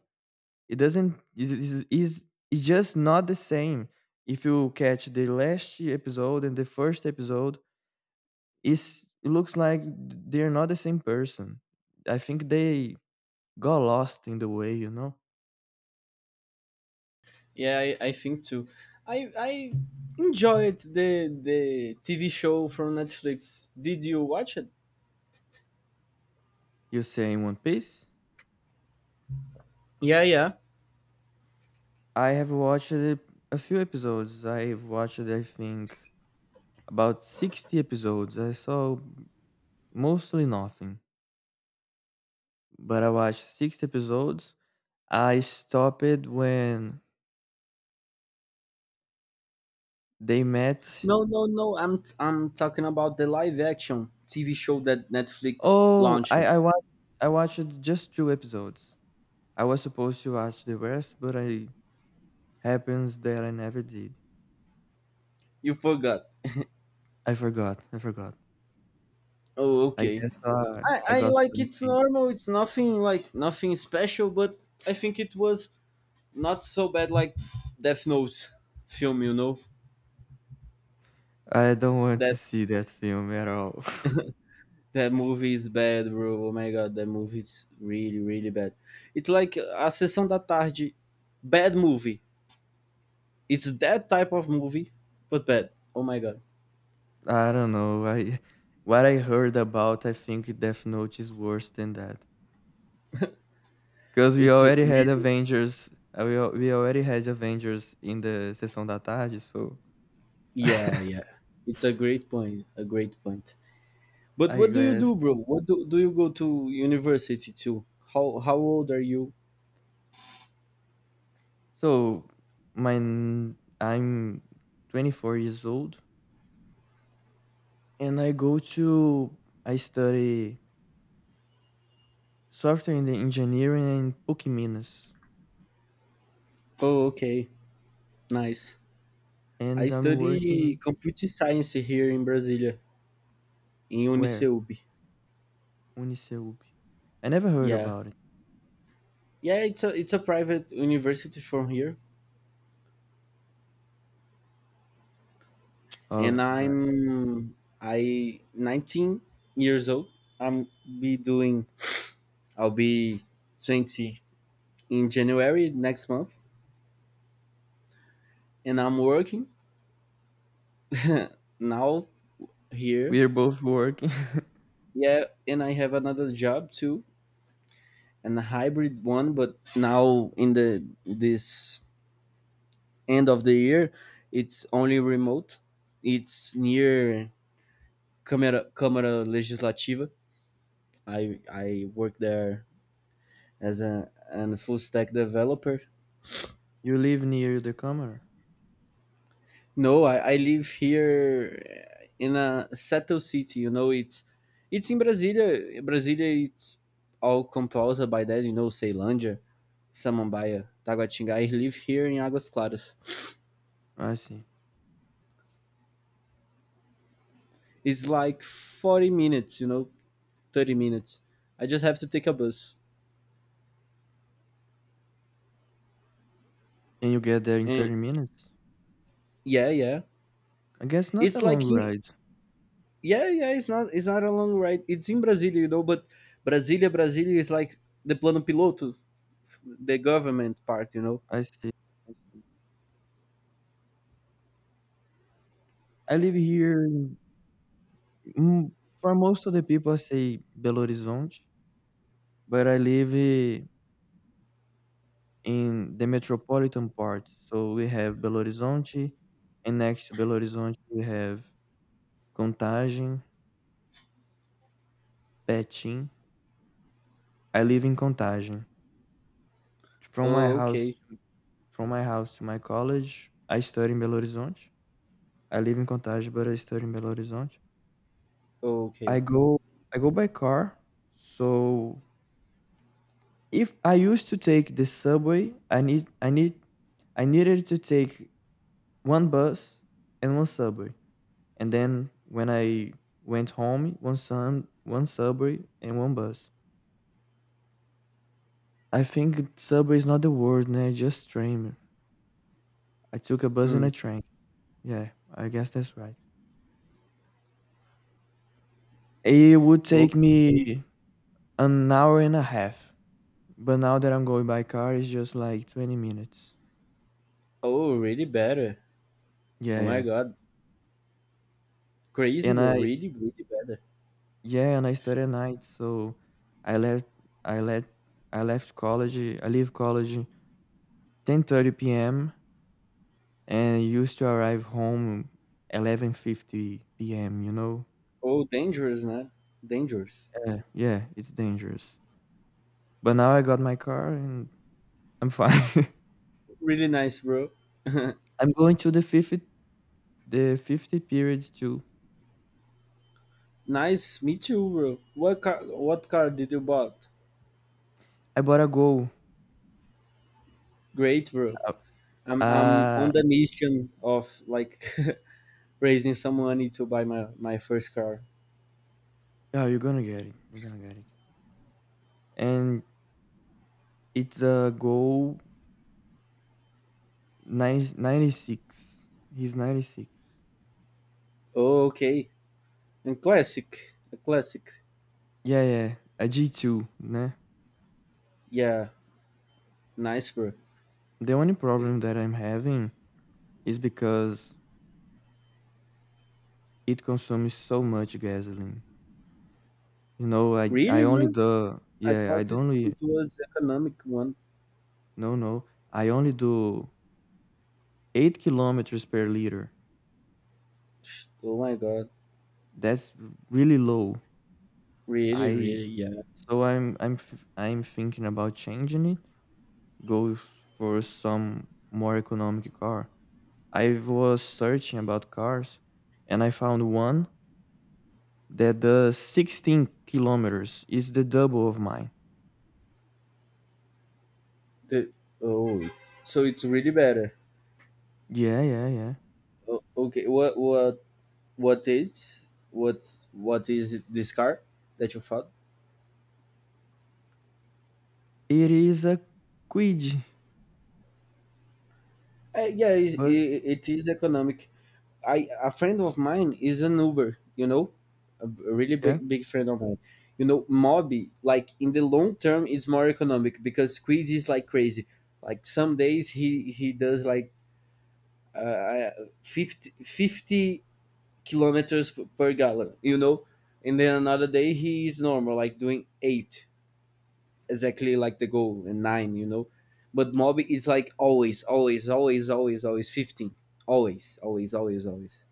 Speaker 1: It doesn't is is is it's just not the same. If you catch the last episode and the first episode, it's, it looks like they're not the same person. I think they got lost in the way, you know.
Speaker 2: Yeah, I, I think too. I I enjoyed the the T V show from Netflix. Did you watch it?
Speaker 1: You say in one piece,
Speaker 2: Yeah, yeah.
Speaker 1: I have watched a a few episodes. I've watched, I think, about sixty episodes. I saw mostly nothing, but I watched six episodes. I stopped when they met.
Speaker 2: No, no, no. I'm I'm talking about the live action T V show that Netflix
Speaker 1: Oh,
Speaker 2: launched.
Speaker 1: I I watched I watched just two episodes. I was supposed to watch the rest, but I happens that I never did.
Speaker 2: You forgot. [laughs]
Speaker 1: I forgot. I forgot.
Speaker 2: Oh,
Speaker 1: I
Speaker 2: okay.
Speaker 1: guess uh,
Speaker 2: I,
Speaker 1: I
Speaker 2: I
Speaker 1: got
Speaker 2: like it's
Speaker 1: something.
Speaker 2: normal. It's nothing like nothing special, but I think it was not so bad like Death Note film, you know?
Speaker 1: I don't want to
Speaker 2: That
Speaker 1: see that film at all.
Speaker 2: [laughs] that movie is bad, bro. Oh my god, that movie is really, really bad. It's like a sessão da tarde, bad movie. It's that type of movie, but bad. Oh my god,
Speaker 1: [laughs] I don't know. I What I heard about, I think Death Note is worse than that. Because we
Speaker 2: it's
Speaker 1: already had
Speaker 2: really.
Speaker 1: Avengers. uh, We, al- we already had Avengers in the sessão da tarde, so
Speaker 2: Yeah,
Speaker 1: [laughs]
Speaker 2: yeah. It's a great point, a great point. But
Speaker 1: I
Speaker 2: what do you
Speaker 1: guess.
Speaker 2: do, bro? What do do you go to university to? How how old are you?
Speaker 1: So my n- I'm twenty-four years old, and I go to I study software in the engineering in Pukiminas,
Speaker 2: Oh, okay, nice. I
Speaker 1: and I'm
Speaker 2: study
Speaker 1: working
Speaker 2: computer science here in Brasilia, in
Speaker 1: where
Speaker 2: Uniceub.
Speaker 1: Uniceup. I never heard
Speaker 2: Yeah,
Speaker 1: about it.
Speaker 2: yeah, it's a it's a private university from here, and
Speaker 1: Oh my god,
Speaker 2: I'm I nineteen years old. I'm be doing I'll be twenty in January next month, and I'm working [laughs] now here.
Speaker 1: we are both working. [laughs]
Speaker 2: Yeah, and I have another job too, and a hybrid one. But now in the this end of the year, it's only remote. It's near Câmara, Câmara Legislativa. I I work there as a an full stack developer.
Speaker 1: You live near the camera.
Speaker 2: No, I, I live here uh, in a settled city. You know, it's it's in Brasília, Brasília, it's all composed by that. You know, Ceilândia, Samambaia, Taguatinga. I live here in Águas Claras.
Speaker 1: I see,
Speaker 2: It's like forty minutes. You know, thirty minutes. I just have to take a bus.
Speaker 1: and you get there in
Speaker 2: And
Speaker 1: thirty minutes.
Speaker 2: yeah, yeah.
Speaker 1: I guess not a
Speaker 2: It's
Speaker 1: long
Speaker 2: like in,
Speaker 1: ride.
Speaker 2: yeah, yeah, it's not it's not a long ride. It's in Brasilia, you know, but Brasilia, Brasilia is like the plano piloto, the government part, you know.
Speaker 1: I see. I see. I live here in- mm, for most of the people I say Belo Horizonte, but I live eh, in the metropolitan part. So we have Belo Horizonte, and next to Belo Horizonte we have Contagem, Betim. I live in Contagem. From my
Speaker 2: Oh,
Speaker 1: house
Speaker 2: okay.
Speaker 1: to, from my house to my college, I study in Belo Horizonte. I live in Contagem, but I study in Belo Horizonte.
Speaker 2: Oh, okay.
Speaker 1: I go I go by car, so if I used to take the subway, I need I need I needed to take one bus and one subway. And then when I went home, one sun, one subway and one bus. I think subway is not the word, nah, just train. I took a bus and a
Speaker 2: Mm.
Speaker 1: train. Yeah, I guess that's right. It would
Speaker 2: Oh,
Speaker 1: take me an hour and a half. But now that I'm going by car, it's just like twenty minutes.
Speaker 2: oh, really better.
Speaker 1: Yeah,
Speaker 2: Oh my
Speaker 1: yeah.
Speaker 2: God, crazy,
Speaker 1: And
Speaker 2: bro.
Speaker 1: I
Speaker 2: Really, really better.
Speaker 1: Yeah, and I study at night, so I left I left I left college, I leave college ten thirty p m and used to arrive home eleven fifty p m, you know?
Speaker 2: Oh, dangerous, man. Dangerous.
Speaker 1: Yeah, yeah, it's dangerous. But now I got my car and I'm fine. [laughs]
Speaker 2: Really nice, bro. [laughs]
Speaker 1: I'm going to the fifth the fiftieth period too.
Speaker 2: Nice, me too, bro. What car? What car did you bought?
Speaker 1: I bought a goal.
Speaker 2: Great, bro.
Speaker 1: Uh,
Speaker 2: I'm I'm
Speaker 1: uh,
Speaker 2: on the mission of like [laughs] raising some money to buy my my first car.
Speaker 1: yeah, you're gonna get it. You're gonna get it. And it's a goal ninety, he's ninety-six.
Speaker 2: Okay, and classic, a classic.
Speaker 1: Yeah, yeah, a G two, né?
Speaker 2: Yeah, nice, bro.
Speaker 1: The only problem that I'm having is because it consumes so much gasoline. You know, I I
Speaker 2: Really,
Speaker 1: only
Speaker 2: bro?
Speaker 1: do
Speaker 2: I
Speaker 1: yeah, I
Speaker 2: thought it,
Speaker 1: don't only
Speaker 2: it was economic one.
Speaker 1: no no, I only do eight kilometers per liter.
Speaker 2: Sh- Oh my god.
Speaker 1: That's really low.
Speaker 2: Really,
Speaker 1: I
Speaker 2: really, yeah.
Speaker 1: so I'm I'm f- I'm thinking about changing it, go for some more economic car. I was searching about cars and I found one that does sixteen kilometers is the double of mine.
Speaker 2: The, oh, so it's really better.
Speaker 1: Yeah, yeah, yeah.
Speaker 2: O- Okay, what what what is what what is it, this car that you found?
Speaker 1: It is a quid,
Speaker 2: Uh, yeah, it,
Speaker 1: but
Speaker 2: it, it is economic. I A friend of mine is an Uber, you know, a b- a really
Speaker 1: yeah,
Speaker 2: big big friend of mine. You know, Mobi, like in the long term, is more economic, because Squid is like crazy. Like some days he he does like uh, uh, 50, fifty kilometers p- per gallon, you know, and then another day he is normal, like doing eight exactly like the goal, and nine, you know. But Mobi is like always, always, always, always, always fifteen, always, always, always, always.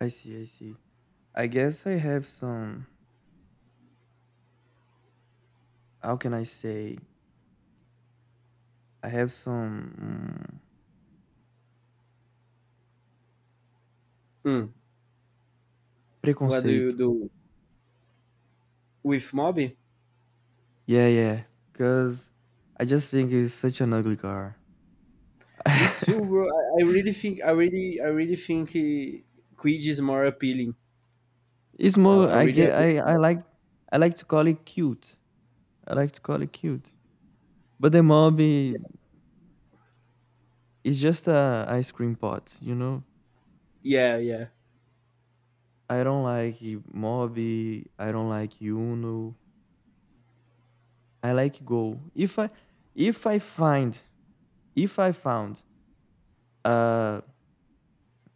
Speaker 1: I see, I see. I guess I have some, how can I say? I have some mm,
Speaker 2: Mm. What do you
Speaker 1: preconceito.
Speaker 2: do with Mob?
Speaker 1: Yeah, yeah, because I just think it's such an ugly car.
Speaker 2: Me too,
Speaker 1: [laughs]
Speaker 2: bro. I, I really think I really I really think eh, Quid is more appealing.
Speaker 1: It's
Speaker 2: I,
Speaker 1: more,
Speaker 2: I
Speaker 1: I
Speaker 2: really
Speaker 1: get,
Speaker 2: agree
Speaker 1: I,
Speaker 2: on
Speaker 1: I
Speaker 2: that.
Speaker 1: like, I like to call it cute. I like to call it cute. But the mob eh, is just a ice cream pot, you know?
Speaker 2: Yeah, yeah.
Speaker 1: I don't like mobi. I don't like UNO. I like Go. If I if I find if I found a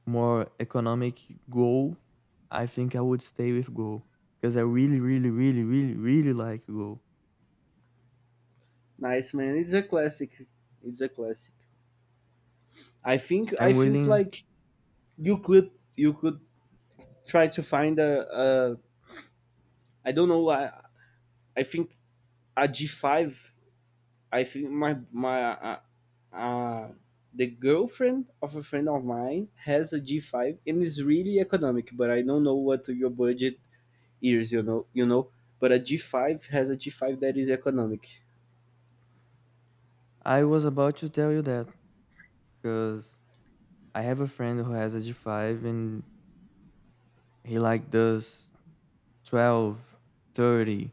Speaker 1: more economic Go, I think I would stay with Go because I really, really, really, really, really like Go.
Speaker 2: Nice man. It's a classic. It's a classic. I think I
Speaker 1: I'm
Speaker 2: think
Speaker 1: willing.
Speaker 2: like you could you could try to find a, a, I don't know I I think a G five. I think my my uh, uh the girlfriend of a friend of mine has a G five, and it's really economic, but I don't know what your budget years, you know, you know. But a G five has a G five that is economic.
Speaker 1: I was about to tell you that because I have a friend who has a G five and he like does twelve, thirty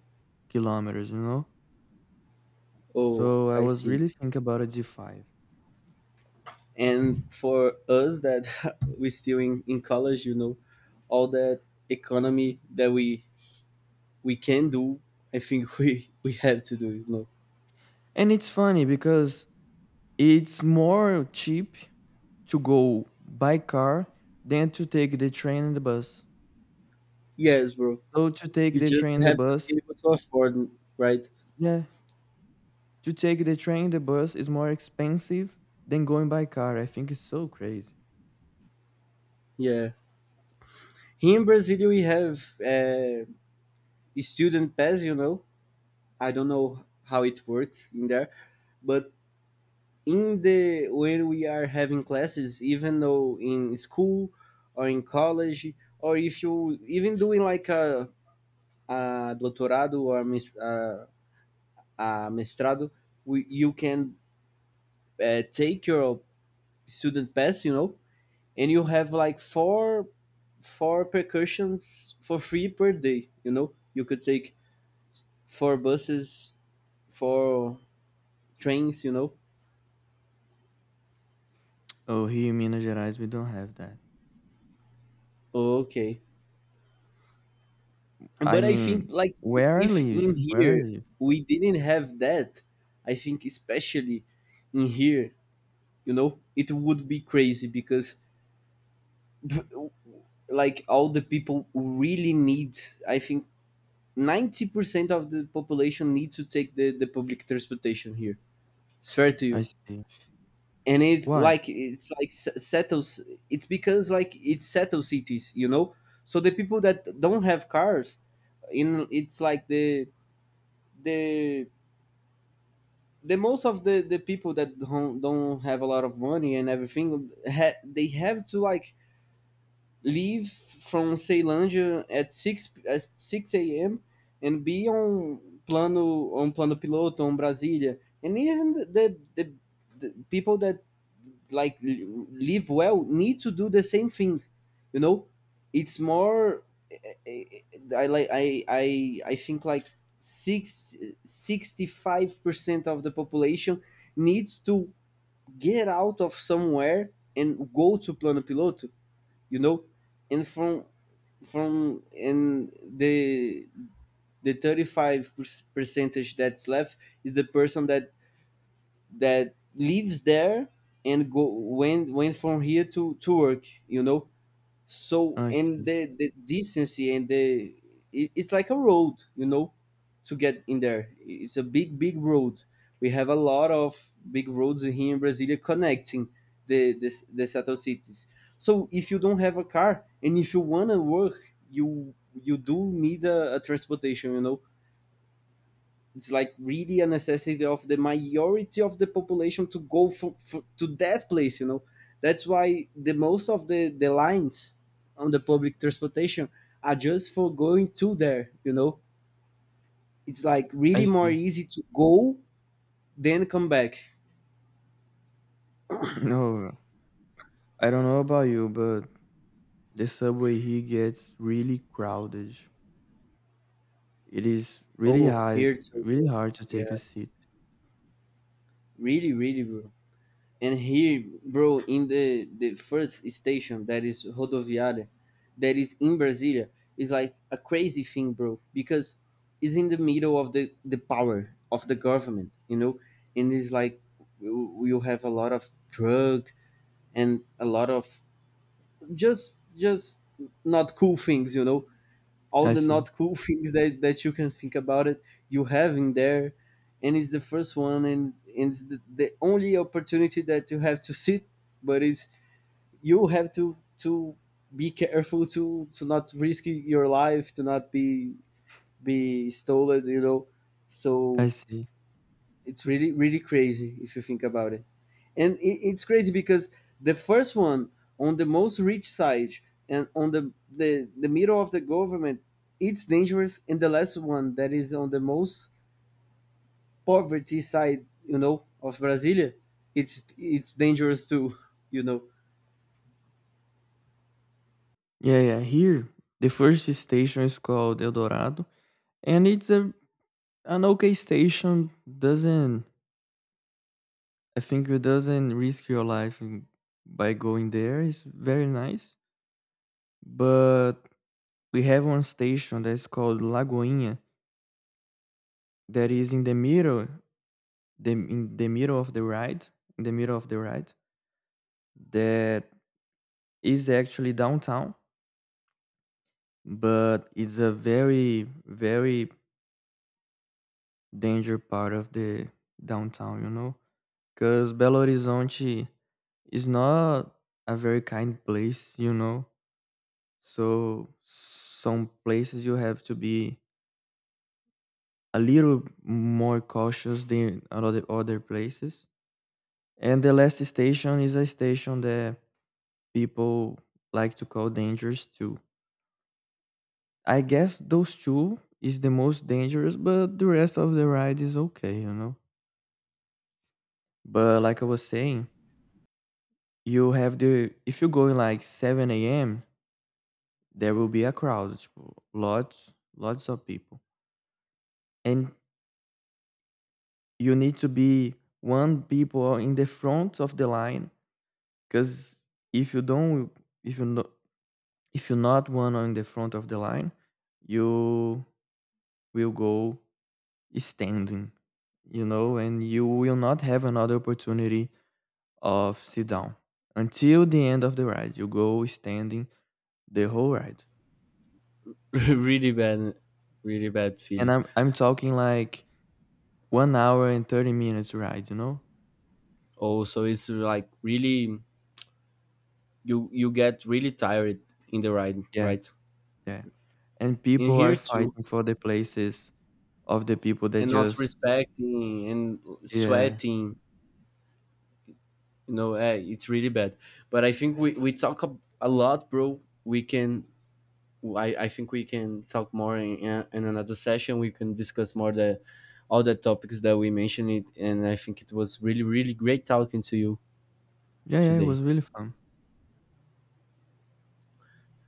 Speaker 1: kilometers, you know?
Speaker 2: Oh,
Speaker 1: So I
Speaker 2: I
Speaker 1: was
Speaker 2: see.
Speaker 1: really thinking about a G five.
Speaker 2: And for us that [laughs] we still in, in college, you know, all that economy that we we can do, I think [laughs] we we have to do, you know.
Speaker 1: And it's funny because it's more cheap to go by car than to take the train and the bus.
Speaker 2: Yes, bro.
Speaker 1: So to take
Speaker 2: You
Speaker 1: the train
Speaker 2: just
Speaker 1: and the
Speaker 2: have to
Speaker 1: bus,
Speaker 2: be able to afford, right?
Speaker 1: yeah, to take the train and the bus is more expensive than going by car. I think it's so crazy.
Speaker 2: Yeah. Here in Brazil, we have uh, student pass, you know. I don't know how it works in there, but in the when we are having classes, even though in school or in college, or if you even doing like a, a doctorado or mis, uh, a mestrado, we, you can uh, take your student pass, you know. And you have like four four percussions for free per day, you know. You could take four buses, four trains, you know.
Speaker 1: Oh, here in Minas Gerais, we don't have that.
Speaker 2: Okay,
Speaker 1: I
Speaker 2: but I
Speaker 1: mean,
Speaker 2: think like
Speaker 1: where I
Speaker 2: if in
Speaker 1: live, where I
Speaker 2: here
Speaker 1: live.
Speaker 2: we didn't have that, I think especially in here, you know, it would be crazy, because [laughs] like all the people really need, I think ninety percent of the population need to take the, the public transportation here. Swear to
Speaker 1: I
Speaker 2: you.
Speaker 1: see.
Speaker 2: And it
Speaker 1: Why?
Speaker 2: like it's like s- settles. It's because like it's settle cities, you know? So the people that don't have cars in it's like the the the most of the the people that don't, don't have a lot of money and everything ha- they have to like leave from Ceilândia at six at six a m and be on plano on plano piloto on Brasilia. And even the the, the people that like live well need to do the same thing, you know. It's more. I like I I I think like six sixty five percent of the population needs to get out of somewhere and go to plano piloto, you know. And from from and the the thirty-five percentage that's left is the person that that lives there and go went went from here to to work, you know. So
Speaker 1: I
Speaker 2: and
Speaker 1: see.
Speaker 2: the the decency and the it, it's like a road, you know, to get in there. It's a big big road. We have a lot of big roads here in Brasilia connecting the the, the settled cities. So if you don't have a car, and if you want to work, you you do need a, a transportation, you know. It's like really a necessity of the majority of the population to go for, for, to that place, you know. That's why the most of the the lines on the public transportation are just for going to there, you know. It's like
Speaker 1: I
Speaker 2: really more
Speaker 1: see. [laughs]
Speaker 2: easy to go than come back.
Speaker 1: No, I don't know about you, but the subway here gets really crowded. It is really
Speaker 2: Oh,
Speaker 1: hard
Speaker 2: here too,
Speaker 1: really
Speaker 2: bro.
Speaker 1: hard to
Speaker 2: Yeah,
Speaker 1: take a seat.
Speaker 2: really really, bro. And here, bro, in the the first station that is Rodoviária, that is in Brasilia, is like a crazy thing, bro, because it's in the middle of the the power of the government, you know, and it's like you have a lot of drug and a lot of just just not cool things, you know, all
Speaker 1: I
Speaker 2: the
Speaker 1: see.
Speaker 2: not cool things that, that you can think about it, you have in there. And it's the first one, and, and it's the, the only opportunity that you have to sit. But it's you have to to be careful to to not risk your life to not be be stolen, you know.
Speaker 1: I
Speaker 2: So
Speaker 1: see.
Speaker 2: it's really really crazy if you think about it. And it, it's crazy because the first one on the most rich side and on the, the the middle of the government, it's dangerous. And the last one that is on the most poverty side, you know, of Brasilia, it's it's dangerous too, you know.
Speaker 1: Yeah, yeah. Here, the first station is called El Dorado, and it's a an okay station. Doesn't I think it doesn't risk your life in- by going there. It's very nice. But we have one station that's called Lagoinha, that is in the middle, the in the middle of the ride, in the middle of the ride. That is actually downtown, but it's a very very danger part of the downtown, you know, because Belo Horizonte is not a very kind place, you know, so some places you have to be a little more cautious than other other places, and the last station is a station that people like to call dangerous too. I guess those two is the most dangerous, but the rest of the ride is okay, you know. But like I was saying, you have the if you go in like seven a m, there will be a crowd, tipo, lots, lots of people, and you need to be one people in the front of the line because if you don't, if you no, if you're not one on the front of the line, you will go standing, you know, and you will not have another opportunity of sit down until the end of the ride. You go standing the whole ride.
Speaker 2: [laughs] Really bad, really bad
Speaker 1: And
Speaker 2: feeling.
Speaker 1: I'm I'm talking like one hour and thirty minutes ride, you know?
Speaker 2: Also it's like really you you get really tired in the ride,
Speaker 1: Yeah,
Speaker 2: right?
Speaker 1: yeah. And
Speaker 2: In
Speaker 1: people are
Speaker 2: here too.
Speaker 1: fighting for the places of the people that
Speaker 2: And not
Speaker 1: just
Speaker 2: respecting, and
Speaker 1: Yeah.
Speaker 2: sweating, you know. Eh, it's really bad. But I think we, we talk a, a lot, bro. We can I, I think we can talk more in, in in another session. We can discuss more the all the topics that we mentioned it. And I think it was really really great talking to you
Speaker 1: Yeah, yeah, it
Speaker 2: today.
Speaker 1: was really fun.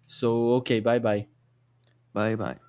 Speaker 2: So okay, bye bye.
Speaker 1: Bye bye.